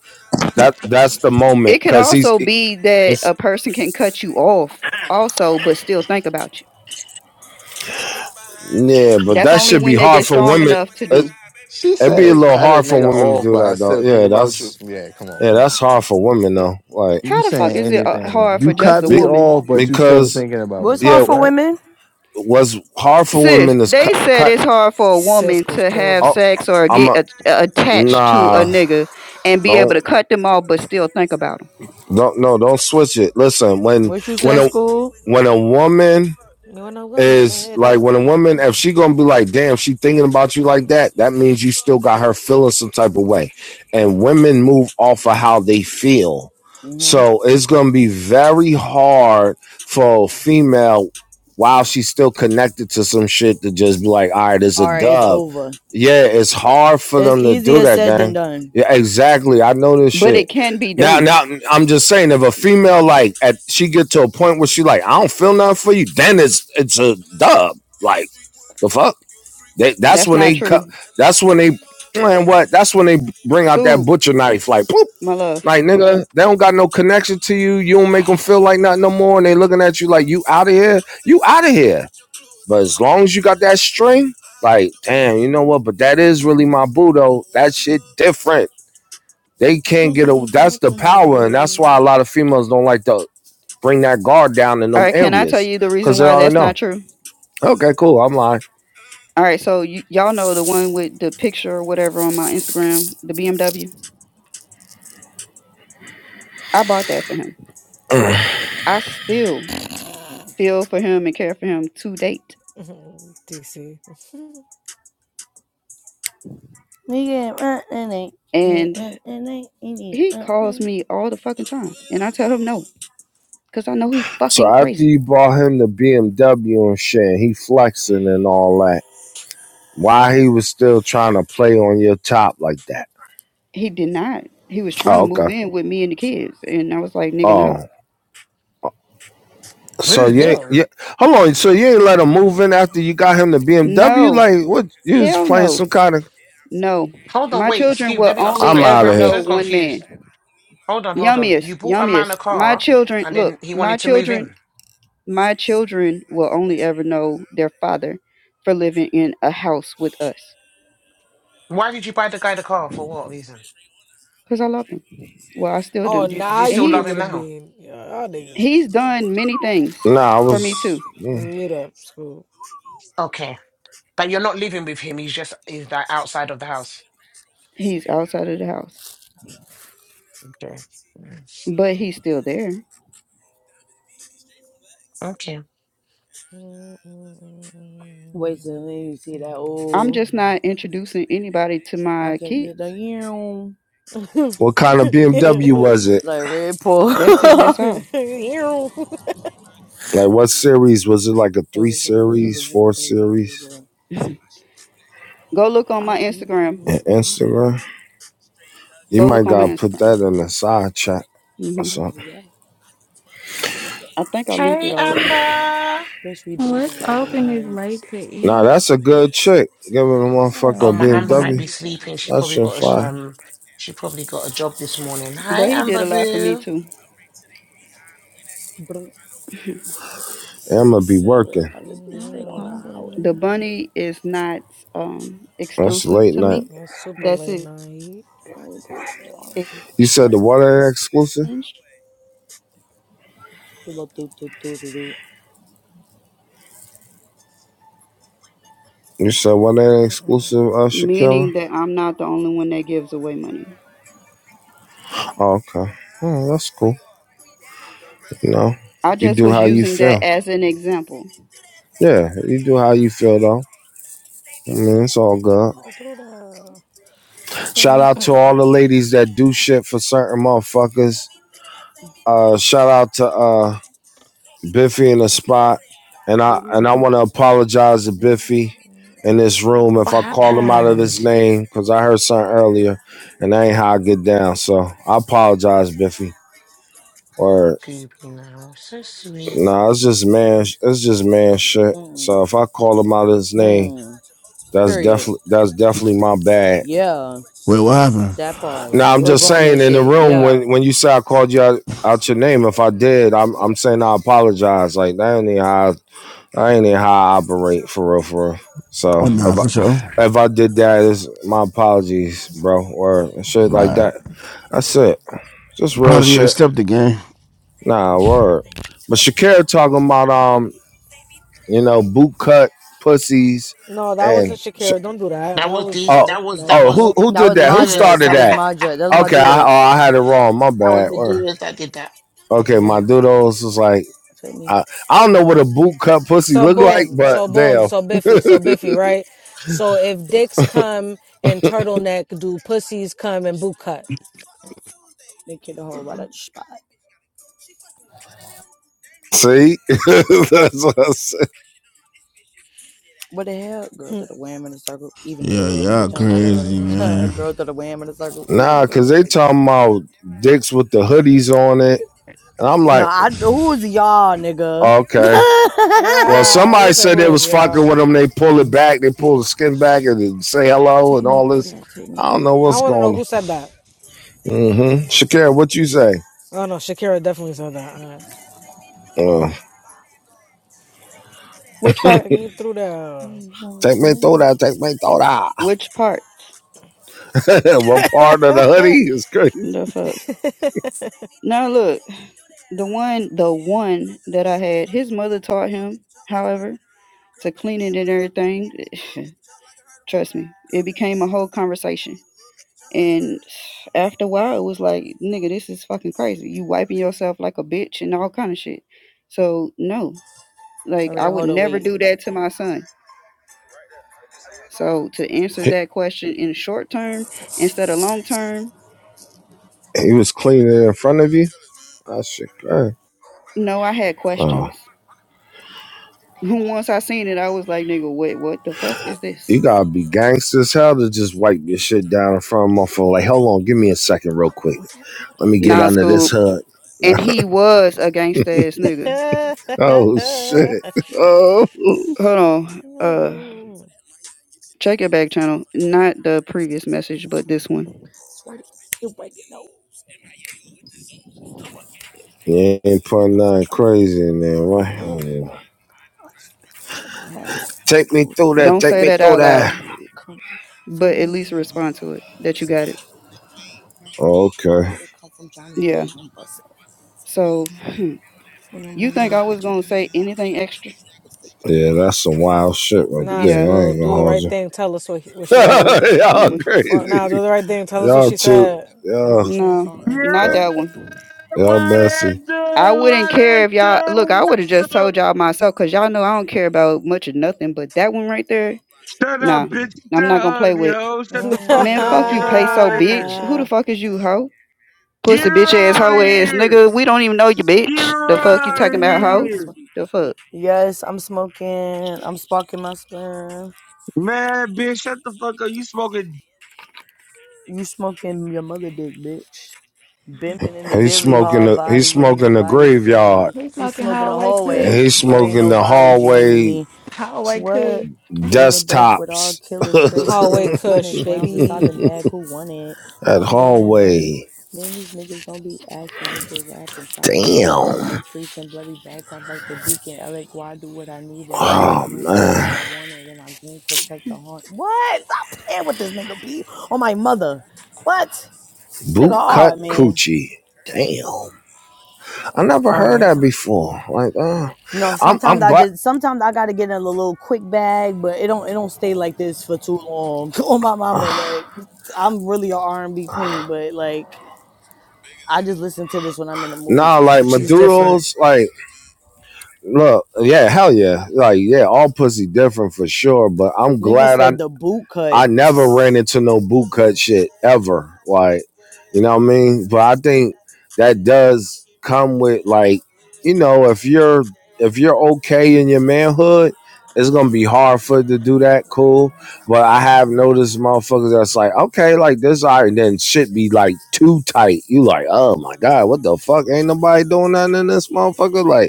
S1: That that's the
S4: It
S1: moment
S4: can
S1: because he's
S4: also be that
S1: he's
S4: a person can cut you off, also, but still think about you.
S1: yeah, but
S4: That's
S1: that
S4: only
S1: should be
S4: when they
S1: hard
S4: get
S1: for
S4: strong
S1: women.
S4: enough to
S1: It,
S4: do.
S9: She
S1: it'd be a
S9: said,
S1: little
S9: "Cut a
S1: hard for
S9: nigga
S1: women to
S9: off,"
S1: do
S9: but I
S1: that though.
S9: still think
S1: Yeah,
S9: about you.
S1: that's
S9: Yeah, come on,
S1: yeah,
S9: come
S1: that's hard
S9: on.
S1: for women though. Like
S9: You
S4: How the fuck
S9: saying
S4: is it uh,
S9: anything?
S4: hard
S9: You
S4: for just
S9: cut
S4: a
S1: Be-
S9: me
S4: woman?
S9: off, but you still
S1: because
S9: thinking about me.
S2: What's
S1: yeah,
S2: hard for
S9: What?
S2: women? Mm-hmm.
S1: what's hard for
S4: Sis,
S1: women is
S4: they
S1: cut.
S4: said
S1: cut
S4: it's hard for a woman
S3: Cisco's
S4: to have
S1: oh,
S3: crazy.
S4: sex or
S1: I'm
S4: get
S1: a
S4: a- attached to a
S1: nah.
S4: nigga and be able
S1: Don't
S4: to cut them off but still think about them.
S1: don't no. Don't switch it. Listen, when
S2: What you
S1: when
S3: Mm,
S2: said,
S1: a
S2: school?
S1: when a woman
S3: When a woman's
S1: is
S3: fed
S1: like
S3: up,
S1: when a woman, if she gonna be like, damn, she thinking about you like that, that means you still got her feeling some type of way. And women move off of how they feel.
S2: Mhm.
S1: So it's gonna be very hard for a female while she's still connected to some shit to just be like, all right, it's a
S2: All right, it's
S1: dub.
S2: over.
S1: Yeah, it's hard for
S2: It's
S1: them to do
S2: easier
S1: that,
S2: said than
S1: gang.
S2: done.
S1: Yeah, exactly. I know this
S4: But
S1: shit.
S4: it can be
S1: Now,
S4: done.
S1: now I'm just saying, if a female like at she get to a point where she like, I don't feel nothing for you, then it's it's a dub. Like the fuck, they, that's
S4: That's
S1: when
S4: not
S1: they cut.
S4: true.
S1: That's when they man, what? That's when they bring out that
S4: Scoob,
S1: butcher knife. Like, boop.
S4: my love.
S1: Like nigga, they don't got no connection to you. You don't make them feel like nothing no more, and they looking at you like you out of here. You out of here. But as long as you got that string, like damn, you know what? But that is really my boo though. That shit different. They can't
S2: Who
S1: get
S2: can
S1: a.
S2: involve
S1: That's the
S2: the
S1: power, and that's
S2: man?
S1: why a lot of females don't like to bring that guard down in
S4: All
S1: them
S4: right, can I tell
S1: areas
S4: you the reason
S1: because they
S4: why
S1: already
S4: that's
S1: know.
S4: not true?
S1: Okay, cool. I'm lying.
S4: All right, so y- y'all know the one with the picture or whatever on my Instagram, the BMW. I bought that for him. I still feel for him and care for him to date.
S3: DC.
S2: We can run and ain't.
S4: And he calls me all the fucking time. And I tell him no. because I know he
S1: So
S4: fucking
S1: after
S4: crazy.
S1: you bought him the BMW and shit, and he flexing and all that. Why he was still trying to play on your top like that?
S4: He did not. He was trying
S1: Oh,
S4: to
S1: okay.
S4: move in with me and the kids, and I was like, nigga, no,
S1: Oh, so
S8: Move
S1: you ain't,
S8: in.
S1: yeah. Hold on. So you ain't let him move in after you got him the BMW?
S4: no,
S1: Like what? You was
S4: hell
S1: playing
S4: no,
S1: some kind of?
S4: no.
S8: Hold on,
S4: My
S8: wait,
S4: children
S8: Scoob,
S4: will
S8: let me ask a
S4: only
S1: I'm
S8: question.
S1: out
S4: ever
S1: of
S8: I'm
S4: know
S1: here.
S8: so
S4: one man.
S8: confused. Hold on, hold on.
S4: Yummiest,
S8: You bought a man a
S4: yummiest. My
S8: car
S4: children,
S8: and
S4: look,
S8: then he
S4: my
S8: wanted to move
S4: children,
S8: in.
S4: my children will only ever know their father for living in a house with us,
S8: Why did you buy the guy the car? For what reason?
S4: cause I loved him. Well, I still
S3: oh,
S4: do,
S8: Do you, do
S3: now
S8: you
S4: and
S3: you
S8: still love
S3: give
S4: he
S3: me
S8: him
S3: the
S8: now?
S3: bean. Yeah, Y'all niggas,
S4: he's done many things
S1: Nah, I
S4: for me
S1: was.
S4: too.
S1: mm.
S3: meet up, school.
S8: Okay. But you're not living with him. He's just he's like outside of the house.
S4: He's outside of the house,
S8: Okay. Mm.
S4: but he's still there
S8: Okay.
S3: That's
S2: Wait till you see that
S4: I'm
S2: old.
S4: just not introducing anybody to
S2: I
S4: my
S2: can get the
S4: kids.
S2: you
S1: What kind of BMW was it?
S2: like Red Bull.
S4: That's it.
S2: I
S4: That's all.
S1: Like what series was it? Like a
S2: can
S1: three
S2: get
S1: series, four series?
S4: Go look on my
S2: the
S4: Instagram.
S2: whole
S1: In
S2: body.
S1: Instagram, you
S4: Go look
S1: might
S4: on my
S1: gotta put
S4: Instagram.
S1: that in the side chat or
S4: hmm
S1: something.
S2: Yeah. I
S4: I think I linked it
S8: Hey,
S4: already.
S8: Amber.
S2: Bitch, we been
S11: What's
S2: there
S11: open. is
S2: overnight.
S11: late to
S1: Nah,
S11: eat.
S1: that's a good chick. Giving a motherfucker
S8: Oh,
S1: a
S11: God
S8: my Amber
S2: So
S8: might
S11: damn.
S1: BMW.
S8: be
S2: many
S8: sleeping.
S2: gas.
S8: She
S1: That
S8: probably
S1: shit
S8: got a sh-
S1: fire.
S8: um. She probably got a job this morning. Hi,
S4: But he did
S8: Amber
S4: a lot for me
S8: Boo.
S4: too.
S2: Bro,
S1: And
S2: six,
S1: I'ma be
S2: seven.
S1: working.
S2: I just be
S11: I'm
S2: straight on the highway.
S11: hungry.
S4: The bunny is not um,
S1: That's
S4: exclusive
S1: late
S4: to
S1: night.
S4: me.
S3: super
S4: That's
S3: late
S4: his
S3: night.
S2: I just be straight on the
S1: You
S4: exchange,
S1: said
S2: track.
S1: the water ain't exclusive.
S2: Pull up, do, do, do, do,
S1: You said what ain't exclusive, uh,
S3: Mm-mm-mm-mm.
S4: meaning
S1: Shakira.
S4: that I'm not the only one that gives away money.
S1: Oh, okay, oh, that's cool. You know,
S4: I
S1: you
S4: just
S1: do
S4: was
S1: how you
S4: using that
S1: feel.
S4: as an example.
S1: Yeah, you do how you feel though. I mean, it's all good.
S3: You threw that.
S1: Shout
S2: do.
S1: out to all
S3: Mm-mm-mm.
S1: the ladies that do shit for certain motherfuckers. Uh, shout out to uh, Biffy in the spot, and I and I want to apologize to Biffy in this room if
S8: What
S1: I call him out of his
S8: happened?
S1: name because I heard something earlier, and that ain't how I get down. So I apologize, Biffy. Or
S8: Scooby now. So sweet.
S1: nah, it's just man, it's just man shit. So if I call him out of his name,
S2: Mm-hmm.
S1: that's
S2: Period.
S1: definitely that's definitely my bad.
S2: Yeah,
S12: Wait, what happened?
S2: that part.
S1: Now I'm
S2: Real
S1: just
S2: grown man
S1: saying in the
S2: shit.
S1: room
S2: Yeah.
S1: when when you say I called you out, out your name, if I did, I'm
S2: Yeah.
S1: I'm saying I apologize. Like that ain't even how I, I ain't even how I operate for real, for real.
S12: Oh,
S1: So
S12: nah,
S1: if I,
S12: for sure.
S1: if I did that, it's my apologies, bro, or shit like
S12: Nah.
S1: that. That's it. Just real
S12: part of the
S1: shit.
S12: step the game.
S1: Nah, word. But Shakira talking about um, you know, boot cut pussies
S3: No, that
S1: and
S3: wasn't
S1: sh-
S3: Shakira. Don't do that.
S8: That
S3: That
S8: was
S3: was
S8: the
S1: oh
S3: nope,
S8: that was
S3: nope,
S8: that
S1: oh
S3: nope,
S8: was
S1: who
S3: nope.
S1: who
S8: that
S2: That
S8: was
S1: did
S2: was
S1: that? Who
S2: my
S8: Medeiros.
S2: dress.
S1: started
S2: That was
S1: that?
S2: my
S8: that
S2: dress. That was my
S1: Okay, I
S2: doodles.
S1: oh I had it wrong. My
S8: was
S1: bad. Word.
S8: Medeiros that did that.
S3: That was
S1: Okay, my
S3: me.
S1: doodles was like,
S2: Take me,
S1: I, I don't know what a boot cut pussy
S3: So
S1: look like,
S3: boom,
S1: but
S3: so boom,
S1: damn.
S3: so biffy, so biffy, right? So if dicks come in turtleneck, do pussies come in boot cut?
S2: they kid the whole right out the spot.
S1: See, That's what I said.
S2: What the hell? Girls that
S3: Hmm.
S2: are wham in a circle, even if a
S12: Yeah,
S2: little
S3: Mm,
S2: make a
S12: y'all
S2: jump
S3: mm,
S2: like a
S12: crazy,
S3: mm, mm.
S2: hurdle.
S12: man.
S2: Girls that are wham in a circle, even
S1: nah,
S2: if a
S1: cause
S2: little
S1: they
S2: make a jump.
S1: talking about dicks with the hoodies on it, and I'm
S2: No,
S1: like,
S2: I who's y'all, nigga?
S1: okay. Well,
S3: right.
S1: somebody
S3: Nigga said,
S1: said
S3: who
S1: they
S3: is
S1: was fucking
S3: y'all?
S1: with them. They pull it back, they pull the skin back, and they say hello
S2: take
S1: and
S2: me
S1: all
S2: through
S1: this.
S2: that. Take me
S1: I don't
S2: through
S1: know
S3: I
S1: what's
S2: that.
S3: want to know
S1: going on.
S3: who said that.
S1: Mm-hmm. Shakira, what you say?
S3: Oh no, Shakira definitely said that. All right.
S1: Uh,
S4: Which part?
S3: Take me through there.
S2: Who's going
S1: take me through that. Take me through
S4: Which part?
S1: that. what part of the hoodie is crazy?
S4: The fuck? Now look, the one the one that I had, his mother taught him, however, to clean it and everything. Trust me, it became a whole conversation. And after a while, it was like, nigga, this is fucking crazy. You wiping yourself like a bitch and all kind of shit. So no, like
S2: All
S4: I
S2: right,
S4: would
S2: hold on,
S4: never
S2: wait.
S4: do that to my son. So to answer
S1: He,
S4: that question in short term instead of long term,
S1: he was cleaning it in front of you. That shit crazy.
S4: no, I had
S1: Oh,
S4: questions. Once I seen it, I was like, nigga, wait, what the fuck is this?
S1: you gotta be gangster as hell to just wipe your shit down in front of my phone. Like, hold on, give me a second, real quick. Let me get
S4: Nah,
S1: under this
S4: Scoop.
S1: hood.
S4: And he was a gangsta ass nigga.
S1: oh shit. Oh,
S2: Fuck me with that money. For that money, I can get you done yeah, for fun. yeah, And
S4: Hold on. Uh,
S3: Mm-mm.
S4: check your back channel.
S2: I
S4: Not
S2: got
S4: the
S2: racks, can
S4: previous
S2: kill the
S4: message, but
S2: fuck I
S4: this
S2: want
S4: one.
S2: it. Swear to you breaking nose. And my aim with the zone. Come on, cash is straight
S1: you
S2: gold.
S1: ain't
S2: That's what
S1: putting
S2: the fuck
S1: nothing
S2: I
S1: crazy
S2: wanted.
S1: in there, right? Oh.
S2: I spit chuckleheads and my
S1: Take me
S2: clothes
S1: through
S2: are
S1: that.
S2: court
S4: Don't
S1: Take
S4: say
S2: and
S1: me
S2: the
S4: that
S1: through
S4: out
S2: streets and
S4: loud,
S1: that.
S2: other coming. Fuck
S4: but at
S2: me on
S4: least
S2: that
S4: respond
S2: money.
S4: to it that you
S2: It's
S4: got it.
S2: pain, it's pain, my
S1: Oh,
S2: pain.
S1: okay.
S2: It come from Johnny
S4: Yeah.
S2: Dang. I'm busting.
S4: So, hmm,
S2: For that
S4: you
S2: money,
S4: think
S2: i
S4: I was
S2: get you
S4: gonna
S2: done,
S4: say
S2: yeah.
S4: anything extra?
S1: Yeah, that's some wild shit right
S3: nah,
S4: Yeah.
S1: there. I ain't
S3: Scoob,
S1: gonna
S3: do the
S1: hold
S3: right
S1: you.
S3: thing. Tell us what, he- what she
S4: So,
S3: said.
S1: y'all
S2: What
S4: mm,
S2: the fuck?
S3: Nah,
S1: crazy.
S3: do the right thing. Tell us what
S1: Y'all
S3: she
S1: too.
S3: said.
S2: Buckle
S1: Y'all,
S2: chains
S4: no,
S2: on and the
S4: not
S2: face
S13: Yeah,
S4: that
S2: on.
S4: one.
S1: y'all
S13: what
S1: messy.
S13: it
S4: I
S13: do?
S4: wouldn't
S13: What
S4: care
S13: it
S4: if y'all look. I
S13: do?
S4: would have just told y'all myself because y'all know I don't care about much of nothing. But that one right there,
S13: Shut up,
S4: nah,
S13: bitch. She's
S4: I'm not gonna
S13: not
S4: play
S13: ugly,
S4: with.
S13: ho. Shut the fuck
S4: Man,
S13: up.
S4: fuck
S13: Get
S4: you,
S13: her
S2: Mm,
S4: peso
S13: out of here.
S4: bitch. Who the fuck is you, hoe?
S13: Get
S4: Pussy
S13: her
S4: bitch ass
S13: out
S4: hoe
S13: of
S4: ass
S13: here.
S4: nigga. We don't even know you,
S13: Get
S4: bitch.
S13: her
S4: The fuck you
S2: you
S13: out
S4: talking
S13: of
S2: putting on
S4: about,
S2: my wrist
S4: hoe?
S13: here.
S2: one.
S4: The fuck?
S2: Yes, I'm smoking. I'm sparking my sperm.
S13: Man, bitch, shut the fuck up. You smoking
S2: You smoking your mother dick, bitch. Bimping in the
S1: He's
S2: Billy
S1: smoking.
S2: hard
S1: The, he's
S2: body. Ain't
S1: smoking the
S2: nobody scamming
S1: graveyard.
S2: me.
S11: He's
S2: He
S11: smoking
S2: smoking the
S11: Highway
S1: And
S2: hallway,
S11: Kush.
S1: he
S2: but ain't
S1: smoking the
S2: nobody jamming
S1: hallway
S2: me.
S11: Highway
S2: What?
S11: Kush.
S2: In the bank with all
S1: desktops.
S2: killers,
S1: that
S2: straight
S3: Hallway
S2: dealers, hunting
S3: Kush,
S2: rounds inside the
S3: baby.
S2: mag who want it. Put me on that money.
S1: hallway.
S2: Man, these niggas don't be acting what they rapping. Stop believing what they
S1: Damn.
S2: preaching. Bloody backtimes like the deacon. LA Guard do what I need and my life
S1: Oh
S2: rule out
S1: man.
S2: what I wanted. And then I goon protect the haunt. What? Stop playing with this nigga, be on my mother. What? This nigga
S1: Boot cut
S2: hard, man.
S1: coochie. Damn. I never
S2: All
S1: heard
S2: right.
S1: that before. Like, uh,
S2: No,
S1: I'm
S2: sometimes
S1: I'm
S2: I
S1: glad
S2: just sometimes I gotta get in a little quick bag, but it don't it don't stay like this for too long. Oh my mama, like I'm really a R and B queen, but like I just listen to this when I'm in the mood
S1: nah
S2: for some
S1: like
S2: shit.
S3: Gucci's different.
S1: Maduro's like look, yeah, hell yeah. Like, yeah, all pussy different for sure, but I'm
S2: Nigga
S1: glad I
S2: said the boot cut.
S1: I never ran into no bootcut shit ever. Like, you know what I mean? But I think that does come with like, you know, if you're if you're okay in your manhood, it's gonna be hard for it to do that cool. But I have noticed motherfuckers that's like, okay, like this all right, and then shit be like too tight. You like, oh my god, what the fuck? Ain't nobody doing nothing in this motherfucker? Like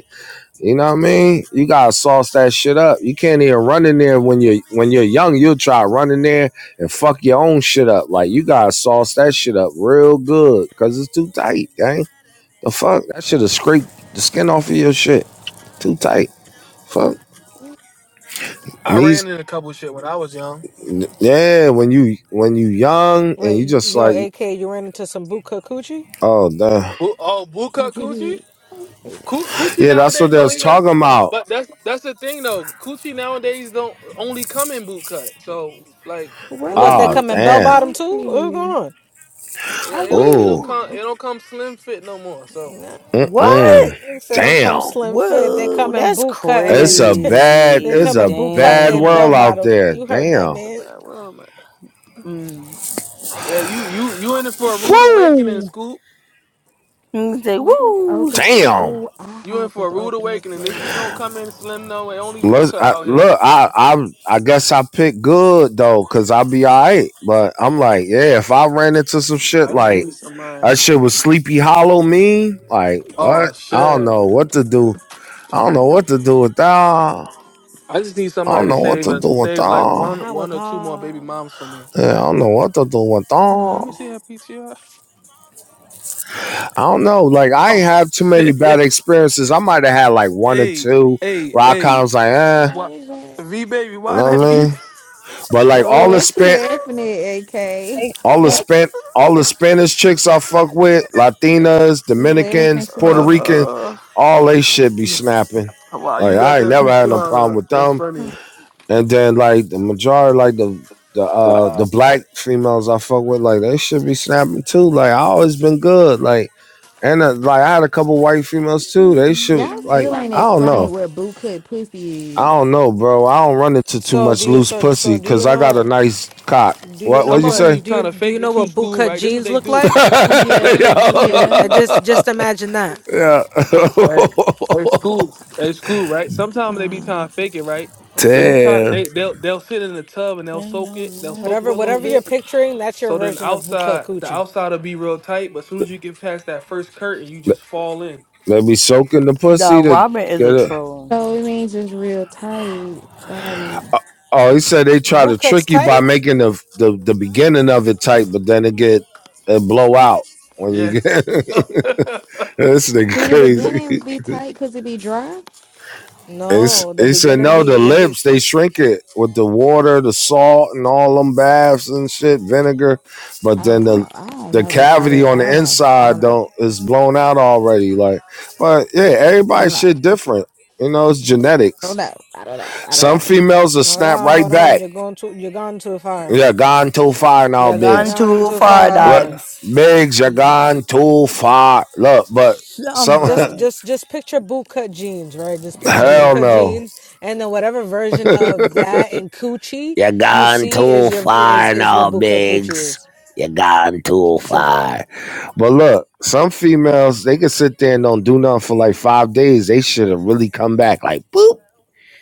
S1: you know what I mean? You gotta sauce that shit up. You can't even run in there when you're when you're young. You'll try running there and fuck your own shit up. Like you gotta sauce that shit up real good because it's too tight, gang. The fuck that should have scraped the skin off of your shit. Too tight. Fuck
S14: I ran
S1: knees.
S14: in a couple of shit when I was young.
S1: Yeah, when you when you young and you
S3: Wait,
S1: just
S3: yo,
S1: like
S3: AK, you ran into some bootcut coochie?
S1: oh damn.
S14: Bu- Oh, boot cut coochie?
S11: Weed.
S14: Coo- Coochie
S1: Yeah, that's what
S14: nowadays
S1: they
S14: don't
S1: was
S14: even.
S1: talking about.
S14: But that's that's the thing though. Coochie nowadays don't only come in boot cut. So like
S11: what
S3: The
S11: is
S3: What, they
S1: Oh
S3: come in bell
S11: bootleg
S1: damn.
S3: bottom too? What's
S11: cookie?
S3: going on?
S14: it,
S11: I
S14: it don't it don't
S1: Oh
S11: weed.
S14: come it don't come slim fit no more. So
S3: Nah.
S1: mm
S2: What?
S1: mm.
S3: They said don't come
S1: Damn.
S3: slim fit. They
S2: Whoa,
S3: come in
S2: that's
S3: boot cut and
S1: It's
S3: then
S1: a bad,
S3: they
S2: crazy.
S1: it's
S3: come
S1: a
S3: in boot cut
S1: bad
S3: and
S2: Dang.
S3: bell
S1: world out
S3: bottom.
S1: there.
S3: You heard that,
S14: it's
S1: Damn.
S14: a
S3: man.
S14: bad world, man.
S2: Mm.
S14: Yeah, you you you in it for a rude awakening,
S1: Woo!
S14: Scoop.
S2: Say
S11: What is
S2: woo.
S11: open?
S1: Damn.
S11: Oh, I
S14: You in
S11: hope
S14: for a
S11: it's
S14: rude
S11: open this
S14: awakening. This shit don't
S11: way.
S14: come in slim no. way. only boot
S1: Let's
S14: cut
S1: I,
S14: out here.
S1: look. I I I guess I picked good though, cause I'll be alright. But I'm like, yeah, if I ran into some shit
S14: I just
S1: like
S14: need somebody.
S1: that, shit was Sleepy Hollow me. Like what?
S14: Oh
S1: I don't
S14: shit.
S1: know what to do. I don't know what to do with that. I
S14: I just need somebody
S1: don't
S14: to
S1: know what
S14: save
S1: to
S14: a,
S1: do
S3: Uh,
S1: with
S14: save like
S1: that.
S14: one
S3: Not what
S14: one or two more baby
S3: the-
S14: moms for me.
S1: Yeah, I don't know what to do with
S14: Let
S1: that.
S14: me
S11: Oh,
S14: see her PTR.
S1: I don't know. Like I
S14: Oh
S1: ain't have too many
S14: shit!
S1: bad experiences. I might have had like one or
S14: Hey,
S1: two
S14: hey,
S1: where I kind of
S14: hey!
S1: was like,
S11: what
S1: eh,
S11: I
S14: What?
S11: was at.
S14: V baby,
S1: you
S14: why
S1: know what
S14: that P.T.R.
S1: I mean? But like
S11: Oh,
S1: all the
S11: what you
S1: spent,
S11: laughing at, AK?
S15: Hey,
S1: all the spent, all the Spanish chicks I fuck with, Latinas,
S11: you laughing
S1: Dominicans,
S11: too
S1: Puerto
S11: much.
S1: Rican,
S14: uh,
S1: all they shit be snapping.
S14: why
S1: Like
S14: you got
S1: I ain't
S14: that
S1: never had no
S14: PTR?
S1: problem
S14: Up?
S1: with
S14: That's
S1: them.
S11: Huh.
S14: funny.
S1: And then like the majority, like the the uh the
S14: Uh,
S1: black females I fuck with, like they should be snapping too. Like I always been good. Like And uh, like I had a couple white females too. They should
S11: Y'all
S1: like
S11: still ain't
S2: Mm-hmm.
S1: I don't
S11: explained
S1: know.
S11: what bootcut pussy is.
S1: I don't know, bro. I don't run into too
S3: So do
S1: much
S3: you
S1: loose
S3: so
S1: pussy
S3: so do
S1: because
S3: you
S1: I got a
S3: know
S1: nice cock.
S3: do you
S1: What
S3: know
S1: what'd
S14: Some
S1: you
S14: of them
S3: what
S1: say?
S14: be
S3: do
S14: trying
S3: you
S14: to
S3: do you
S14: fake it
S3: know
S14: to
S3: what boot
S14: school,
S3: cut
S14: right? This what
S3: jeans
S14: they
S3: look
S14: do.
S3: like?
S14: This what
S11: Yeah,
S14: they do, school.
S3: I
S11: yeah.
S3: just just imagine that.
S1: Yeah.
S14: At, at school, at school, right? Sometimes they be
S11: Mm.
S14: trying to fake it, right?
S3: That's
S14: They be
S3: it.
S14: trying.
S1: Damn.
S14: They they'll they'll sit in the tub and they'll soak it. They'll soak
S3: Whatever
S14: for a little
S3: whatever you're
S14: bit
S3: picturing, that's your
S14: So then
S3: version of boot cut
S14: outside, the
S3: coochie.
S14: outside will be real tight, but as soon as you get past that first curtain, you just fall in.
S1: They be soaking the
S2: The
S1: pussy to
S2: Robin is
S1: get
S2: a
S1: it.
S2: troll.
S11: So it means it's real tight. Got it.
S1: Oh, he said they try
S3: Boot
S1: to
S3: cut's
S1: trick you
S3: tight?
S1: by making the the, the beginning of it tight, but then it get it blow out when
S14: Yeah.
S1: you get this nigga
S11: Do the
S1: crazy.
S11: beginning be tight because it be dry?
S1: It's
S3: No, the
S1: he said
S3: beginning
S1: no. The
S3: be it be
S1: lips
S3: it's,
S1: they
S3: it's
S1: shrink it with the water, the salt, and all them baths and shit, vinegar. But then the
S11: Oh, I, I don't
S1: the
S11: know about all
S1: cavity
S11: that.
S1: on
S11: I don't
S1: the
S11: know. I don't
S1: inside
S11: know.
S1: don't is blown out already. Like, but yeah,
S11: I
S1: everybody
S11: don't know.
S1: shit different. You know, it's
S11: I don't
S1: genetics.
S11: know. I don't know. I don't know.
S1: Some
S11: I
S1: females will
S3: hold
S1: snap
S3: on,
S1: right
S3: hold on.
S1: back.
S3: You're going to you're gone too far.
S1: You're gone too far now,
S2: You're
S3: You're
S2: gone
S1: Biggs.
S3: gone
S2: too
S3: too
S2: far,
S1: Look,
S3: far.
S2: dogs.
S1: Biggs, you're
S2: Mm.
S1: gone too far. Look, but
S2: I'm
S1: some
S3: Just
S2: crying.
S3: just just picture boot cut jeans, right? Just
S14: Them
S3: picture boot
S1: hell
S14: Jamaica.
S3: cut
S1: no.
S3: jeans and then whatever version of that and coochie
S1: You
S3: you
S1: gone
S3: see
S1: too
S3: is your is
S1: far
S3: is
S1: now,
S3: what boot cut coochie
S1: Biggs.
S3: is.
S1: You gone too
S3: Simple.
S1: far. But look, some females they can sit there and don't do nothing for like five days. They should have really come back like boop.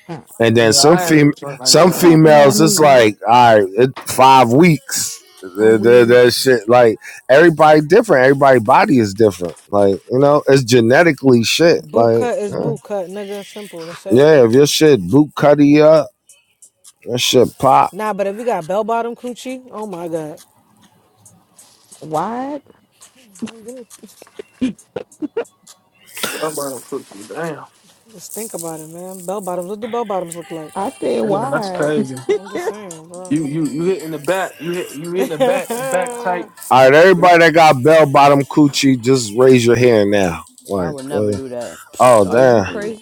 S11: don't know.
S1: And then
S14: Yeah,
S1: some
S14: I had a
S1: fem
S14: joint like
S1: some
S11: Ain't
S14: that.
S11: talking about
S1: females it's
S11: me.
S1: like all right, it, five weeks.
S11: I'm weird.
S1: That shit like everybody different. Everybody body is different. Like you know, it's genetically shit.
S3: Boot
S1: Like
S3: cut is
S1: eh.
S3: boot cut, nigga. Simple. That's it.
S1: yeah, if your shit boot cutty up, that shit pop.
S3: Nah, but if you got bell bottom coochie, oh my god.
S11: Wide?
S3: Good. Just
S14: I'm about to put you down.
S3: just think about it, man. Bell bottoms. What do bell bottoms look like?
S11: I said
S14: Man, that's
S11: wide.
S14: crazy.
S3: I'm just saying, bro.
S14: You you you hit in the back. You hit you hit in the back. The back tight.
S1: All right, everybody that got bell bottom coochie, just raise your hand now. Like, uh, oh
S3: Mm.
S1: damn,
S11: Weird.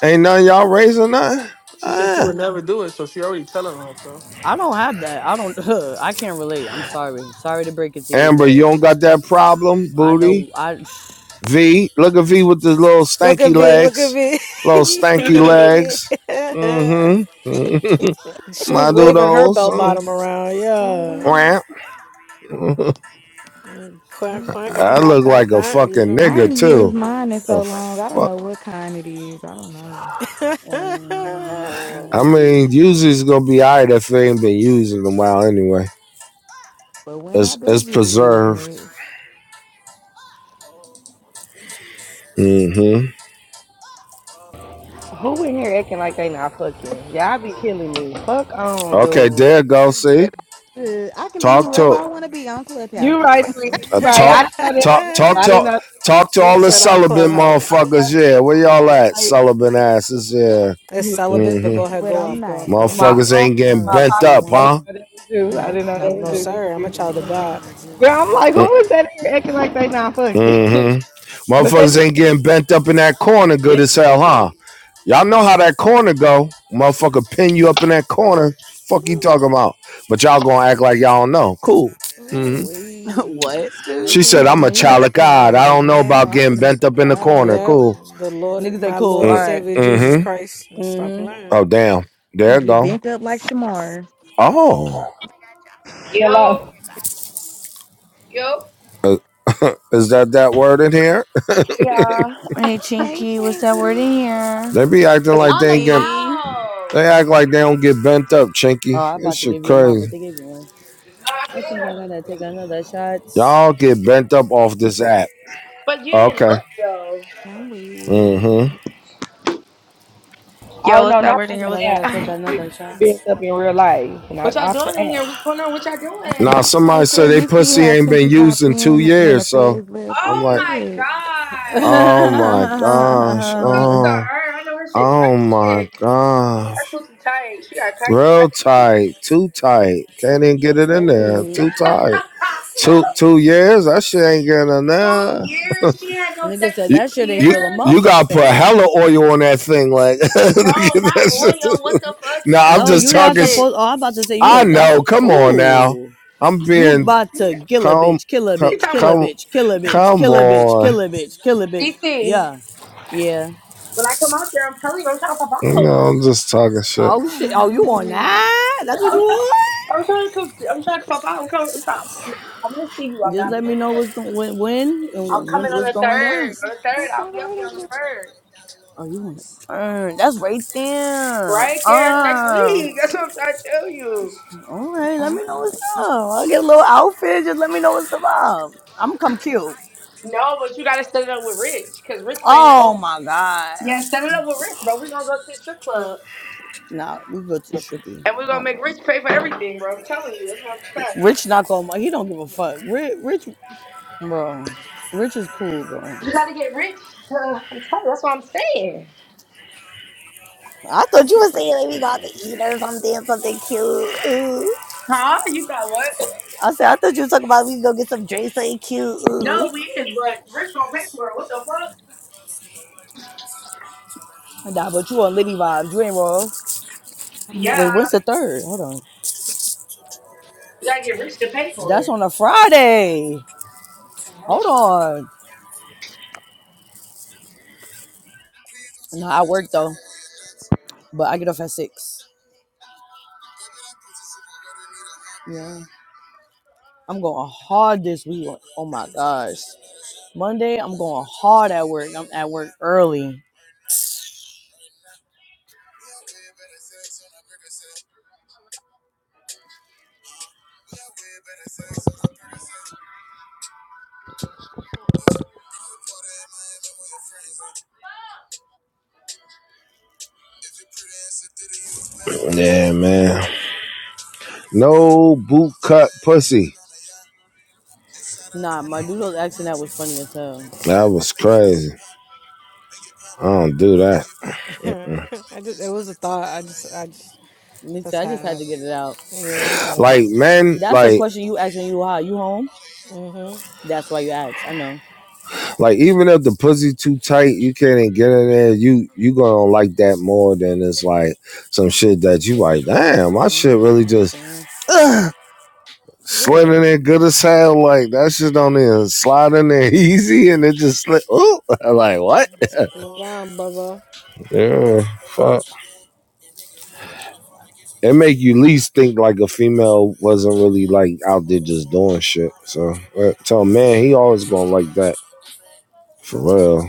S1: ain't none of y'all raising nothing.
S14: She said she would
S1: Ah.
S14: never do it, so she already telling on herself.
S2: I don't have that. I don't. I can't relate. I'm sorry. Sorry to break it to you,
S1: Amber, you
S2: boys.
S1: don't got that problem,
S2: I know.
S1: booty.
S2: I
S1: V, look at V with the little
S3: look at
S1: stanky
S3: V. Look at
S1: legs,
S3: V.
S1: little stanky legs. Mm-hmm.
S3: she
S1: My
S3: was waving her
S1: doodles.
S3: bell bottom around.
S11: I'm
S3: Yeah.
S11: weird.
S3: Mm, Quack, quack. I
S11: Mm-mm.
S3: don't
S1: I
S3: got
S1: look
S3: that,
S1: like a
S3: that. You
S1: fucking
S3: feel me?
S11: I
S1: nigga
S11: ain't used
S1: too.
S11: mine in so
S1: The
S11: long. I don't
S1: fuck.
S11: know what kind it is. I don't know.
S2: mm,
S1: I
S2: mm.
S1: mean, usually it's gonna be alright if they ain't been using them while anyway.
S11: But when I
S1: It's
S11: do
S1: it's
S11: get to using
S1: preserved.
S11: it,
S1: Mm-hmm.
S15: who in here acting like they not fucking? Y'all be killing me. Fuck on,
S1: Okay,
S15: dude.
S1: there you go. See,
S11: shit, I can be
S1: talk
S11: whoever
S1: to
S11: I want to be on Clubhouse.
S15: You right, friend. You
S1: uh,
S15: right.
S1: talk
S15: I didn't know this was
S1: talk
S15: you.
S1: talk
S15: I didn't
S1: to
S15: know this
S1: talk to
S3: Nigga
S1: all
S15: was
S1: the
S3: said on
S15: right.
S1: celibate
S15: Nope, I
S3: Clubhouse.
S15: didn't know
S1: motherfuckers.
S15: this
S1: Yeah, where y'all at,
S15: was you. right.
S1: celibate asses? Yeah,
S3: It's
S15: You whoever you
S3: celibate, but go
S1: mm-hmm.
S3: ahead,
S15: want
S11: But
S15: to
S3: go
S11: I'm
S3: off,
S15: be.
S3: go
S11: not.
S3: off, go
S11: I'm
S3: off.
S15: My
S1: Motherfuckers
S11: not.
S15: phone
S1: ain't
S15: was in
S1: getting
S15: my
S1: bent
S15: pocket.
S1: up,
S15: I didn't
S1: huh?
S15: know that was you. I
S11: Nope.
S15: didn't know that
S11: Nope.
S15: was
S3: No,
S15: you.
S11: Nope.
S15: You
S3: sir.
S15: could be
S3: I'm a
S15: who you
S3: child of
S15: want to be.
S3: God.
S15: Girl, I'm like,
S1: Mm,
S15: who is that in here acting like they not fucking?
S1: Mm-hmm.
S15: but that's
S1: Motherfuckers ain't getting bent up in that corner, good
S15: yes,
S1: as hell, huh? Y'all know how that corner go. Motherfucker pin you up in that corner. Fuck you
S11: Ooh,
S1: talking about? But y'all gonna act like y'all don't know. Cool. Mm-hmm.
S11: ooh, Let's
S1: She
S11: take
S1: said, I'm a
S11: man. You make
S1: child
S11: a
S1: of
S11: call
S1: God. I
S11: right
S1: don't know
S11: now.
S1: about
S11: I'm
S1: getting
S11: gonna make
S1: bent
S11: a
S1: up in the
S3: Uh,
S1: corner.
S11: call.
S3: Yeah,
S1: Cool.
S3: the Lord,
S2: niggas that
S3: my
S2: cool.
S3: Lord
S2: All
S3: and
S1: Mm
S2: right.
S3: Savior Jesus
S1: hmm.
S3: Christ. And Stop
S2: Mm-hmm.
S3: lying.
S1: Oh, damn.
S11: Gonna
S1: There it
S11: get
S1: go.
S11: bent up like Shamar.
S1: Oh.
S16: Yo,
S15: hello.
S16: yo.
S1: Uh, is that that word in here?
S16: Yeah.
S2: Hey,
S11: Hey,
S2: Chinky, what's that word
S11: Chinky.
S2: in here?
S1: They be acting
S16: It's
S1: like
S16: on
S1: they
S16: the
S1: ain't get,
S6: Stinky.
S16: cow.
S1: they act like they don't get bent up,
S2: Oh,
S1: Chinky.
S2: I'm
S1: This
S2: about to
S1: shit
S2: give you a mop, but
S1: crazy.
S2: they gave you one. I think I gotta take another shot.
S1: Y'all get bent up off this app.
S16: But you didn't
S1: Okay.
S16: look though.
S11: I'm weird.
S1: Mm hmm.
S15: Oh
S16: Yo, what's
S15: no, not
S16: that word
S2: I
S15: off
S16: in here?
S2: think I
S16: What's
S15: the app.
S2: gotta take
S15: We get
S2: another
S15: we get
S2: shot.
S15: built up in real life, not
S16: What y'all
S15: off the
S16: doing in
S15: app.
S16: here? What's going on? What y'all
S2: I think.
S1: Now,
S16: doing?
S11: I
S1: somebody
S11: say
S1: said they
S11: you see
S1: pussy
S11: how
S1: ain't been
S11: Chinky
S1: used
S11: popped
S1: in two
S11: in when the
S1: years. So
S11: feds left.
S1: I'm
S11: Who
S16: Oh
S11: the
S1: like,
S16: my
S2: I
S16: god.
S1: oh my gosh.
S16: Kudos to
S1: Oh,
S16: her. I know her shit
S1: oh
S16: tight as
S1: my
S16: shit.
S1: gosh.
S16: Her pussy tight. She got
S1: Real
S16: tight.
S1: tight, too tight. Can't even get it in
S11: feds?
S1: there.
S11: Feds.
S1: Too tight. Two two years. That shit ain't getting in
S16: two
S1: there.
S16: years? She had no
S2: Nigga
S16: sex
S2: said
S1: You
S2: that
S16: for two
S2: shit ain't
S1: you
S2: feel a
S16: years?
S1: you gotta
S2: motherfucking
S1: put
S2: thing.
S1: hella oil on that thing, like. to get
S16: No, not
S1: that
S16: oil. What the
S1: shit.
S16: fuck? You
S1: nah, I'm
S16: gotta
S2: No,
S16: lick
S1: just
S2: you're
S16: that
S2: not
S1: talking. Sh-
S16: shit.
S2: supposed. Oh, I'm about to say you
S1: I
S2: is not.
S1: know. Come on now.
S2: Oh,
S1: I'm
S2: you
S1: being
S2: about to kill a
S1: come
S2: bitch, kill a
S1: come
S16: You
S2: bitch,
S16: talking
S2: kill a
S16: about
S1: come
S2: bitch, kill a bitch,
S1: come
S2: kill a bitch, kill
S1: on.
S2: a bitch, kill a bitch.
S16: DC.
S2: Yeah, yeah.
S16: When I come out there, I'm telling you, I'm trying to pop
S1: No,
S16: out.
S1: I'm just talking shit.
S2: Oh
S11: I'm
S2: shit. Oh, you on
S11: hungry.
S2: that? That's what you on?
S16: I'm trying to come. I'm trying to pop out. I'm coming. I'm trying. I'm gonna see you. I'm
S2: Just
S16: not.
S2: let me know what's going when, when
S16: I'm
S2: and when
S16: coming on
S2: what's
S16: the
S2: going down.
S16: third. On the third,
S11: What's the
S16: I'll be up there on the
S11: right?
S16: third.
S2: Oh, you want to earn? That's right there.
S16: Right there. That's next
S2: Uh,
S16: week. That's what I'm trying to tell you.
S2: all right. Let
S11: Uh
S2: me know
S11: huh.
S2: what's up. I'll get a little outfit. Just let me know what's the vibe. I'm come cute.
S16: No, but you gotta set it up with Rich, cause Rich saying,
S2: Oh
S16: "Oh,
S2: my god.
S16: yeah, set it up with Rich, bro."
S2: Nah, we go to strippy.
S16: And we're gonna
S2: Oh
S16: make Rich pay for everything, bro. I'm telling you, that's what I'm
S2: my.
S16: saying.
S2: Rich not gonna. He don't give a fuck. Rich, Rich, bro. Rich is cool, bro.
S16: You gotta get Rich. To, I'm telling you, that's what I'm saying.
S2: I thought you
S11: country
S2: were
S11: fried.
S2: saying like we got to
S11: Okay.
S2: eat or something, something cute. Ooh.
S16: Huh? You thought what?
S2: I said I thought you were talking about we go get some drinks, something cute. Ooh.
S16: No, we is, but Rich gonna pay for it. What the fuck?
S2: Nah, but you on Liddy vibes. You ain't wrong.
S11: Yeah.
S2: Wait,
S16: Yeah,
S2: when's the third? Hold on.
S16: you gotta get Rich to pay for
S2: That's
S16: it.
S2: on a Friday.
S16: You know?
S2: Hold on. Nah, I work though, but I get off at six. Yeah. I'm going hard this week. Oh my gosh. Monday, I'm going hard at work. I'm at work early.
S1: Yeah, man. No boot cut pussy.
S2: Nah, my dude was asking that was funny as hell.
S1: That was crazy. I don't do that.
S3: Mhm.
S1: Mm.
S3: I just, it was a thought. I just, I just,
S2: Me too.
S3: just
S2: I
S3: had
S2: just
S3: to
S2: had to
S3: ask.
S2: get it out.
S3: Yeah, I just had to
S1: Like
S3: ask.
S1: man,
S2: That's a
S1: like
S2: question you asking you are you home?
S3: Mm-hmm.
S2: That's why you ask. I know.
S1: like even if the pussy too tight, you can't get in there. You you gonna like that more than it's like some shit that you like. Damn, my shit really
S2: Mm,
S1: just
S2: okay. Yeah.
S1: uh, slid in
S3: Ugh.
S1: there good as hell. Like that shit don't even slide in there easy, and it just slid. Ooh, like what?
S3: Slow down, brother.
S1: Yeah, fuck. It make you least think like a female wasn't really like out there just doing shit. So uh, tell man, he always gonna like that for real.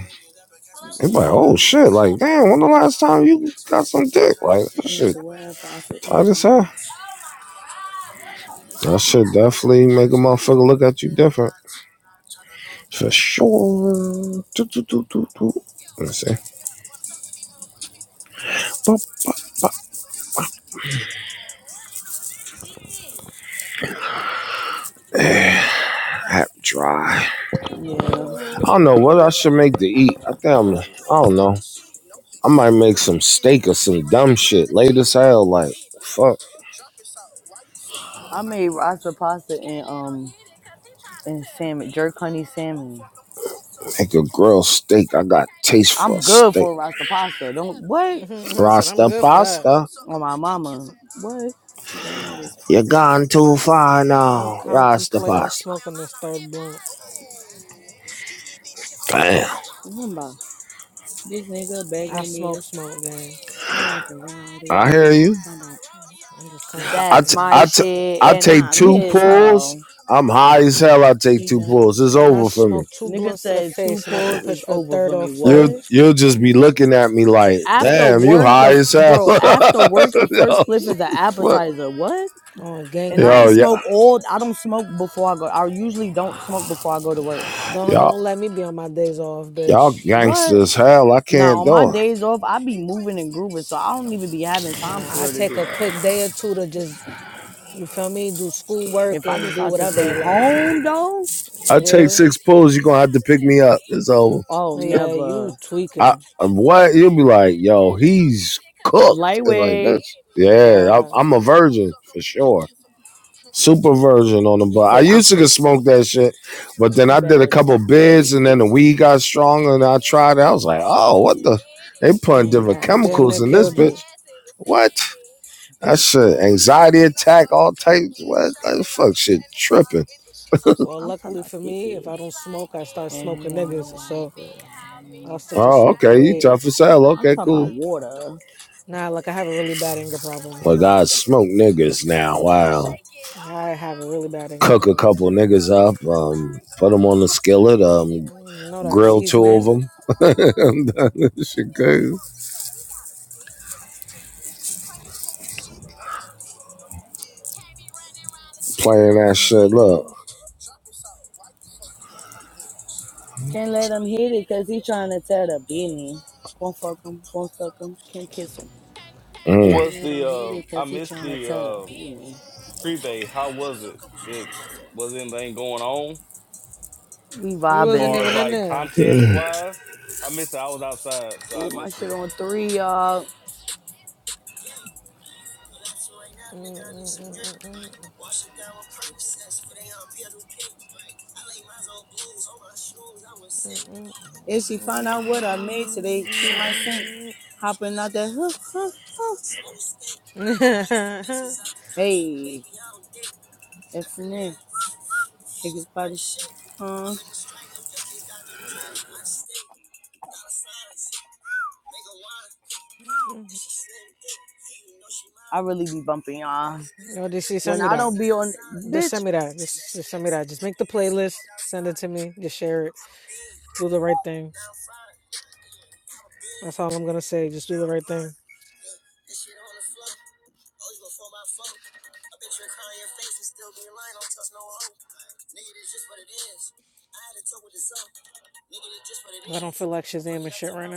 S1: It's like, oh shit, like, damn, when the last time you got some dick? Like, that shit tight as hell. That shit definitely make a motherfucker look at you different. For sure. Do, do, do, do, do. Let me see. Boop. Eh, Hap dry. I
S3: Mm-hmm.
S1: don't know what I should make to eat. I think I'm, I don't know. I might make some steak or some dumb shit late as hell. Like, fuck.
S2: I made roster pasta and um and salmon, jerk honey salmon.
S1: Make a grilled steak. I got taste
S2: I'm
S1: for
S2: good
S1: steak.
S2: for Rasta pasta. Don't what?
S3: mm-hmm. said, I'm
S1: Rasta
S3: good for that.
S1: pasta.
S2: Oh my mama. What? They know this
S1: You're
S2: like a like,
S1: gone too far
S3: I'm
S1: now. Rasta
S3: contemplating
S1: pasta.
S3: smoking this third blunt.
S1: Damn.
S2: Remember, this nigga
S3: I
S2: begging me to
S3: smoke, smoke, gang.
S2: I like to ride
S1: I
S2: it.
S1: hear you.
S3: I'm just
S1: I
S2: That's
S1: t-
S3: contemplating right
S2: my
S1: I t-
S3: now.
S2: shit,
S1: I
S2: and
S1: take
S2: I'm
S1: two
S2: his
S1: pulls.
S2: hoe.
S1: I'm high as hell. I take two pulls. It's
S3: I
S1: over for me.
S3: smoke two
S2: Nigga
S3: blunts to the
S2: said two
S3: face, and I can
S2: pulls
S3: push
S2: is
S3: for a
S2: over
S3: third
S2: for
S3: or
S2: me.
S1: You'll
S3: fourth
S2: What?
S1: you'll just be looking at me like,
S2: After
S1: damn, you
S2: work,
S1: high
S2: the
S1: as hell.
S2: bro. After work, the first
S1: yo,
S2: split is an
S1: fuck.
S2: appetizer. What?
S3: on
S2: And I
S1: yo,
S2: ain't
S3: gangly.
S1: yeah,
S2: smoke all. I don't smoke before I go. I usually don't smoke before I go to work.
S3: Don't
S1: y'all
S3: don't let me be on my days off,
S1: y'all
S3: bitch.
S2: What?
S1: gangsters hell. I
S2: Nah,
S1: can't
S2: on my
S1: do it.
S2: days off, I be moving and grooving, so I don't even be having time for
S3: Nah, I
S2: real to
S3: take
S2: do
S3: a
S2: that.
S3: quick day or two to just you feel me, do schoolwork
S2: If I
S3: and do
S2: decide to
S3: whatever.
S2: stay
S3: Like
S2: home though,
S1: I take
S3: nigga,
S1: six pulls. You're gonna have to pick me up. It's over.
S2: oh
S3: Oh, yeah,
S2: never.
S3: you
S1: I
S3: tweaking.
S1: what? You'll be like, yo, he's cooked. It's like
S2: Lightweight.
S1: that's yeah. i
S3: God,
S1: I'm a virgin for sure. Super virgin on the
S2: He
S1: butt. I
S2: say I'm
S1: used to could
S2: pretty.
S1: smoke that shit, but then
S2: You
S1: I did a
S2: better die
S1: couple
S2: for
S1: bids
S2: this
S1: and then the
S2: pussy.
S1: weed got stronger and I tried it. I was like, oh, what the? They
S2: It
S1: putting
S2: ain't
S1: different
S2: got
S3: damn
S2: just a
S3: near
S1: chemicals in
S2: name.
S1: this
S3: killed you.
S1: bitch. What? That
S2: Big
S1: shit,
S2: booty,
S1: anxiety
S2: peanut
S1: attack,
S2: butter
S1: all
S2: sticky,
S1: types. What? That
S2: chocolate like
S1: fuck
S2: a
S1: shit
S2: candy bar,
S1: tripping.
S2: and this shit so sticky.
S3: Well,
S2: I'm talking
S3: luckily
S2: about
S3: for me, if
S2: sticky. He
S3: I don't smoke, I start
S2: like it, and he
S3: smoking
S2: wanna
S3: niggas,
S2: wipe
S3: so
S2: it. How
S3: I'll
S2: many
S3: stick
S2: times
S3: to
S2: I
S1: Oh,
S2: gotta
S3: smoking
S1: okay. You
S2: say
S3: weed.
S2: it's
S1: tough as
S2: like
S1: hell.
S2: a I'm
S1: Okay, cool.
S2: talking about water.
S3: Nah, like I have a really bad anger problem,
S1: But
S3: so
S1: I smoke niggas now. Wow.
S3: I have a really bad anger
S1: Cook a
S3: problem,
S1: couple
S3: so.
S1: niggas up, um, put them on the skillet, um,
S3: Mm, You know that
S1: grill two of
S3: seasoning.
S1: them. Playing that shit. Look.
S3: Mm-mm-mm-mm-mm.
S2: Can't let him hit it, cause he trying to tell the beanie. Won't fuck him.
S17: How
S1: Mm,
S17: was the um I missed the uh prevay. How was it? Did was anything going on
S2: We
S3: We
S17: as
S3: wasn't
S2: vibing.
S17: far as
S3: even in
S17: like
S3: there.
S17: content wise? I missed it. I was outside, so
S2: Ooh,
S17: I
S2: my
S17: missed
S2: shit
S17: it.
S2: on three, y'all.
S3: Mm-mm-mm-mm-mm-mm-mm-mm-mm-mm-mm.
S2: If she find out what I made today, she might faint. Hopping out that hook, hook. Hey, that's in there. Niggas body shit. Huh? really be bumping y'all.
S3: No, just see, send me that. Just
S2: bitch,
S3: send me that. Just, just send me that. Just make the playlist. Send it to me. Just share it. Do the right thing. That's all I'm gonna say. Just do the right thing. Cause I don't feel like Shazam and shit right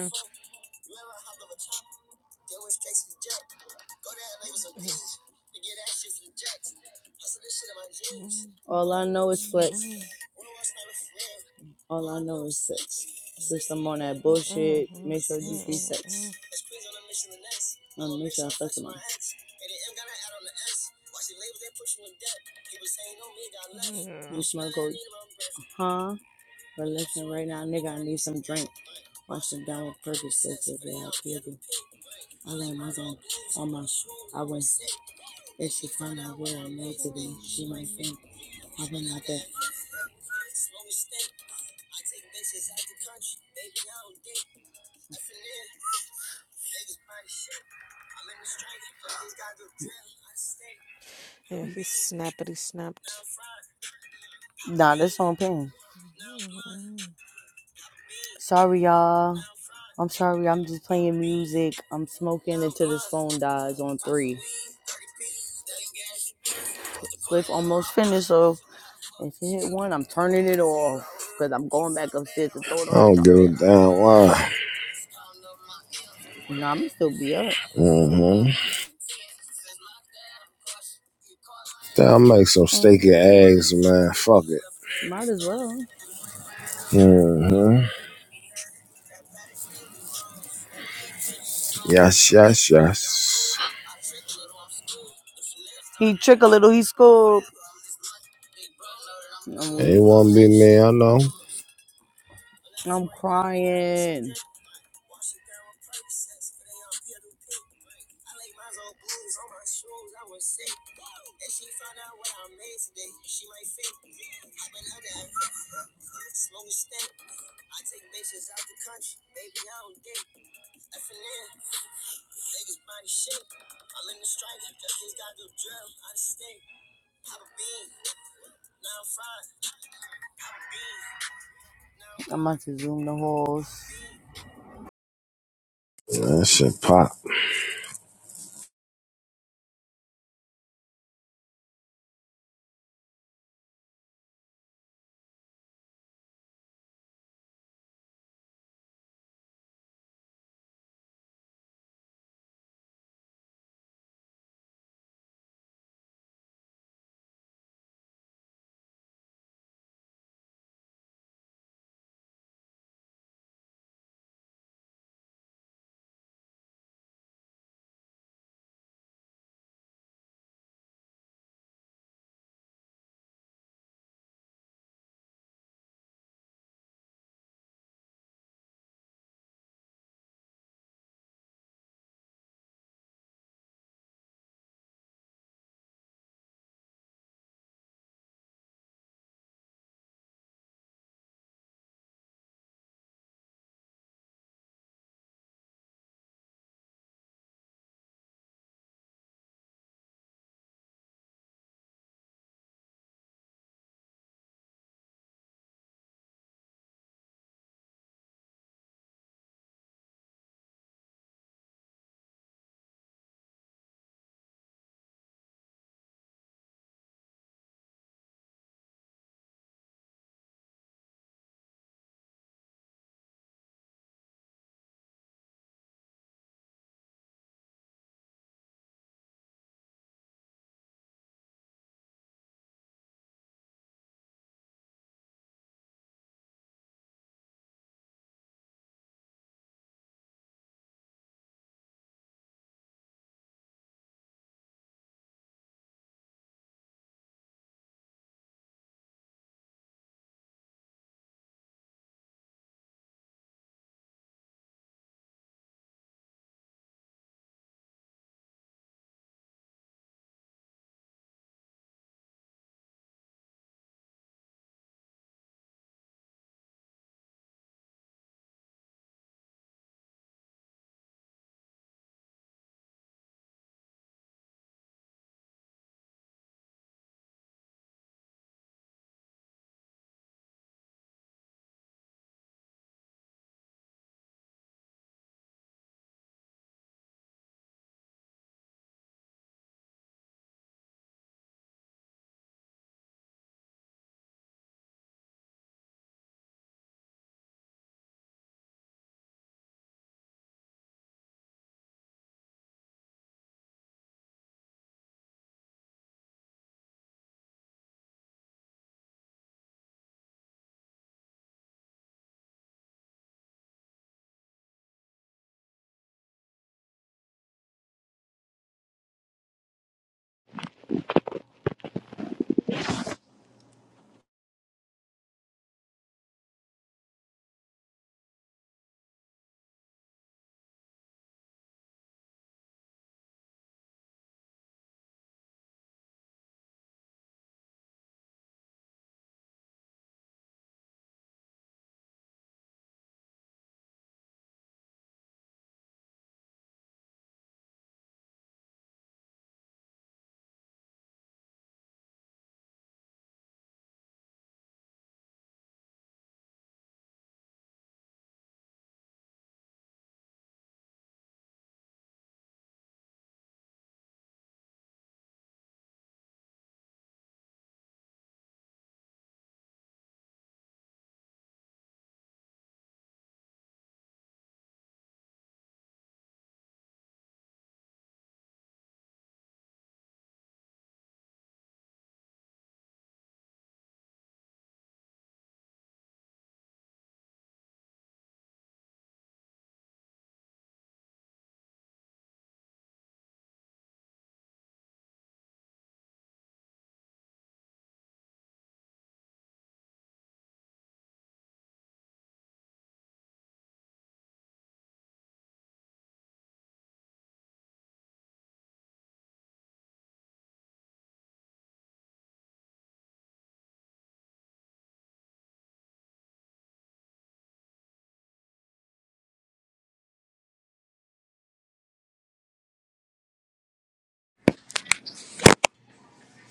S2: all I know is flex.
S3: now.
S2: All I know is sex. Since I'm on that bullshit, make sure you sex. You
S3: Yeah.
S2: smoke for listening right now, nigga. I need some drink. Wash it down with Percocet, baby. I'll give you I let my God, I must. I was. If she find out where I made today, she might think I went out there.
S3: Yeah, he's snappity snapped.
S2: Nah, that's on pain. Sorry, y'all. I'm sorry. I'm just playing music. I'm smoking until this phone dies on three. Clip almost finished, so if it hit one, I'm turning it off because I'm going back upstairs to throw
S1: I
S2: it on the
S1: don't give a
S2: charger.
S1: damn why.
S2: Nah, I'm still be up.
S1: Mm-hmm. I'll make some steak and
S2: Mm,
S1: eggs, man. Fuck it.
S2: Might as well.
S1: Mm-hmm. Yes, yes, yes.
S2: He trick a little. He scored. I'm
S1: It
S2: weak.
S1: won't be me, I know.
S2: I'm crying.
S1: That shit pop.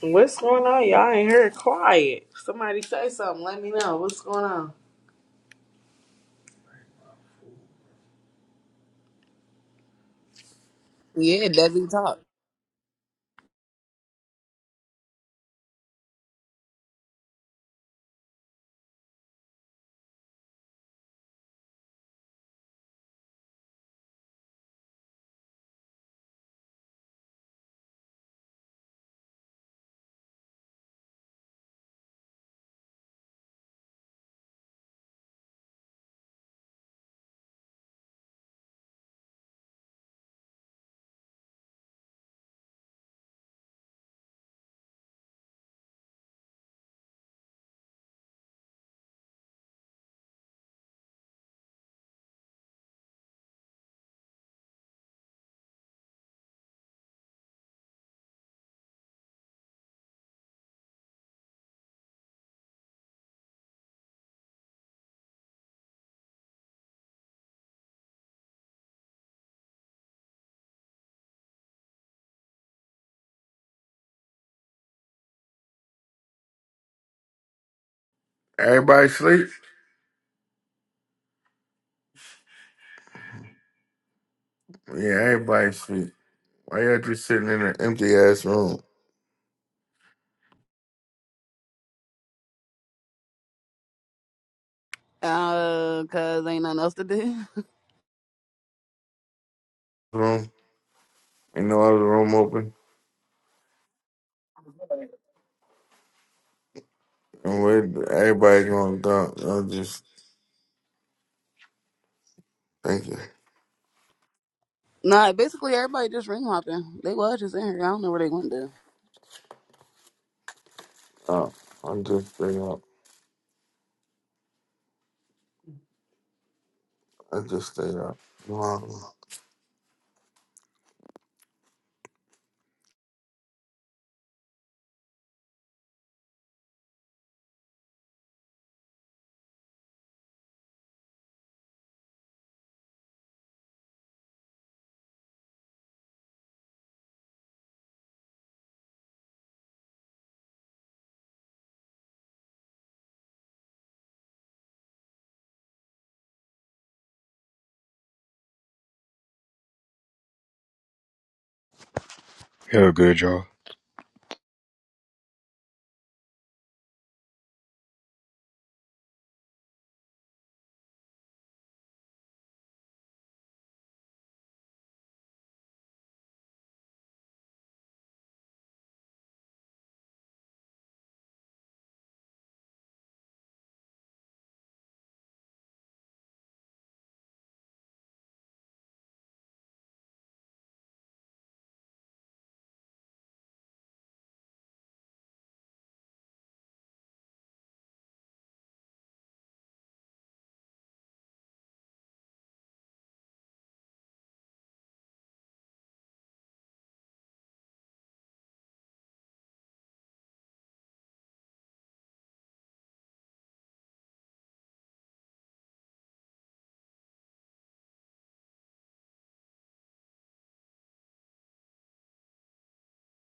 S18: What's going on? Y'all in here quiet. Somebody say something. Let me know. What's going on?
S6: Yeah, it doesn't talk.
S5: Everybody sleep? Yeah, everybody sleep. Why y'all just sitting in an empty ass room?
S6: Uh, cause ain't nothing else to do.
S5: Room Ain't no other room open? And where everybody going down? I'm just thinking.
S6: nah, basically everybody just ring hopping. They was just in here. I don't know where they went to.
S5: Oh, I'm just staying up. I just stayed up. Wow.
S19: Yeah, good, y'all.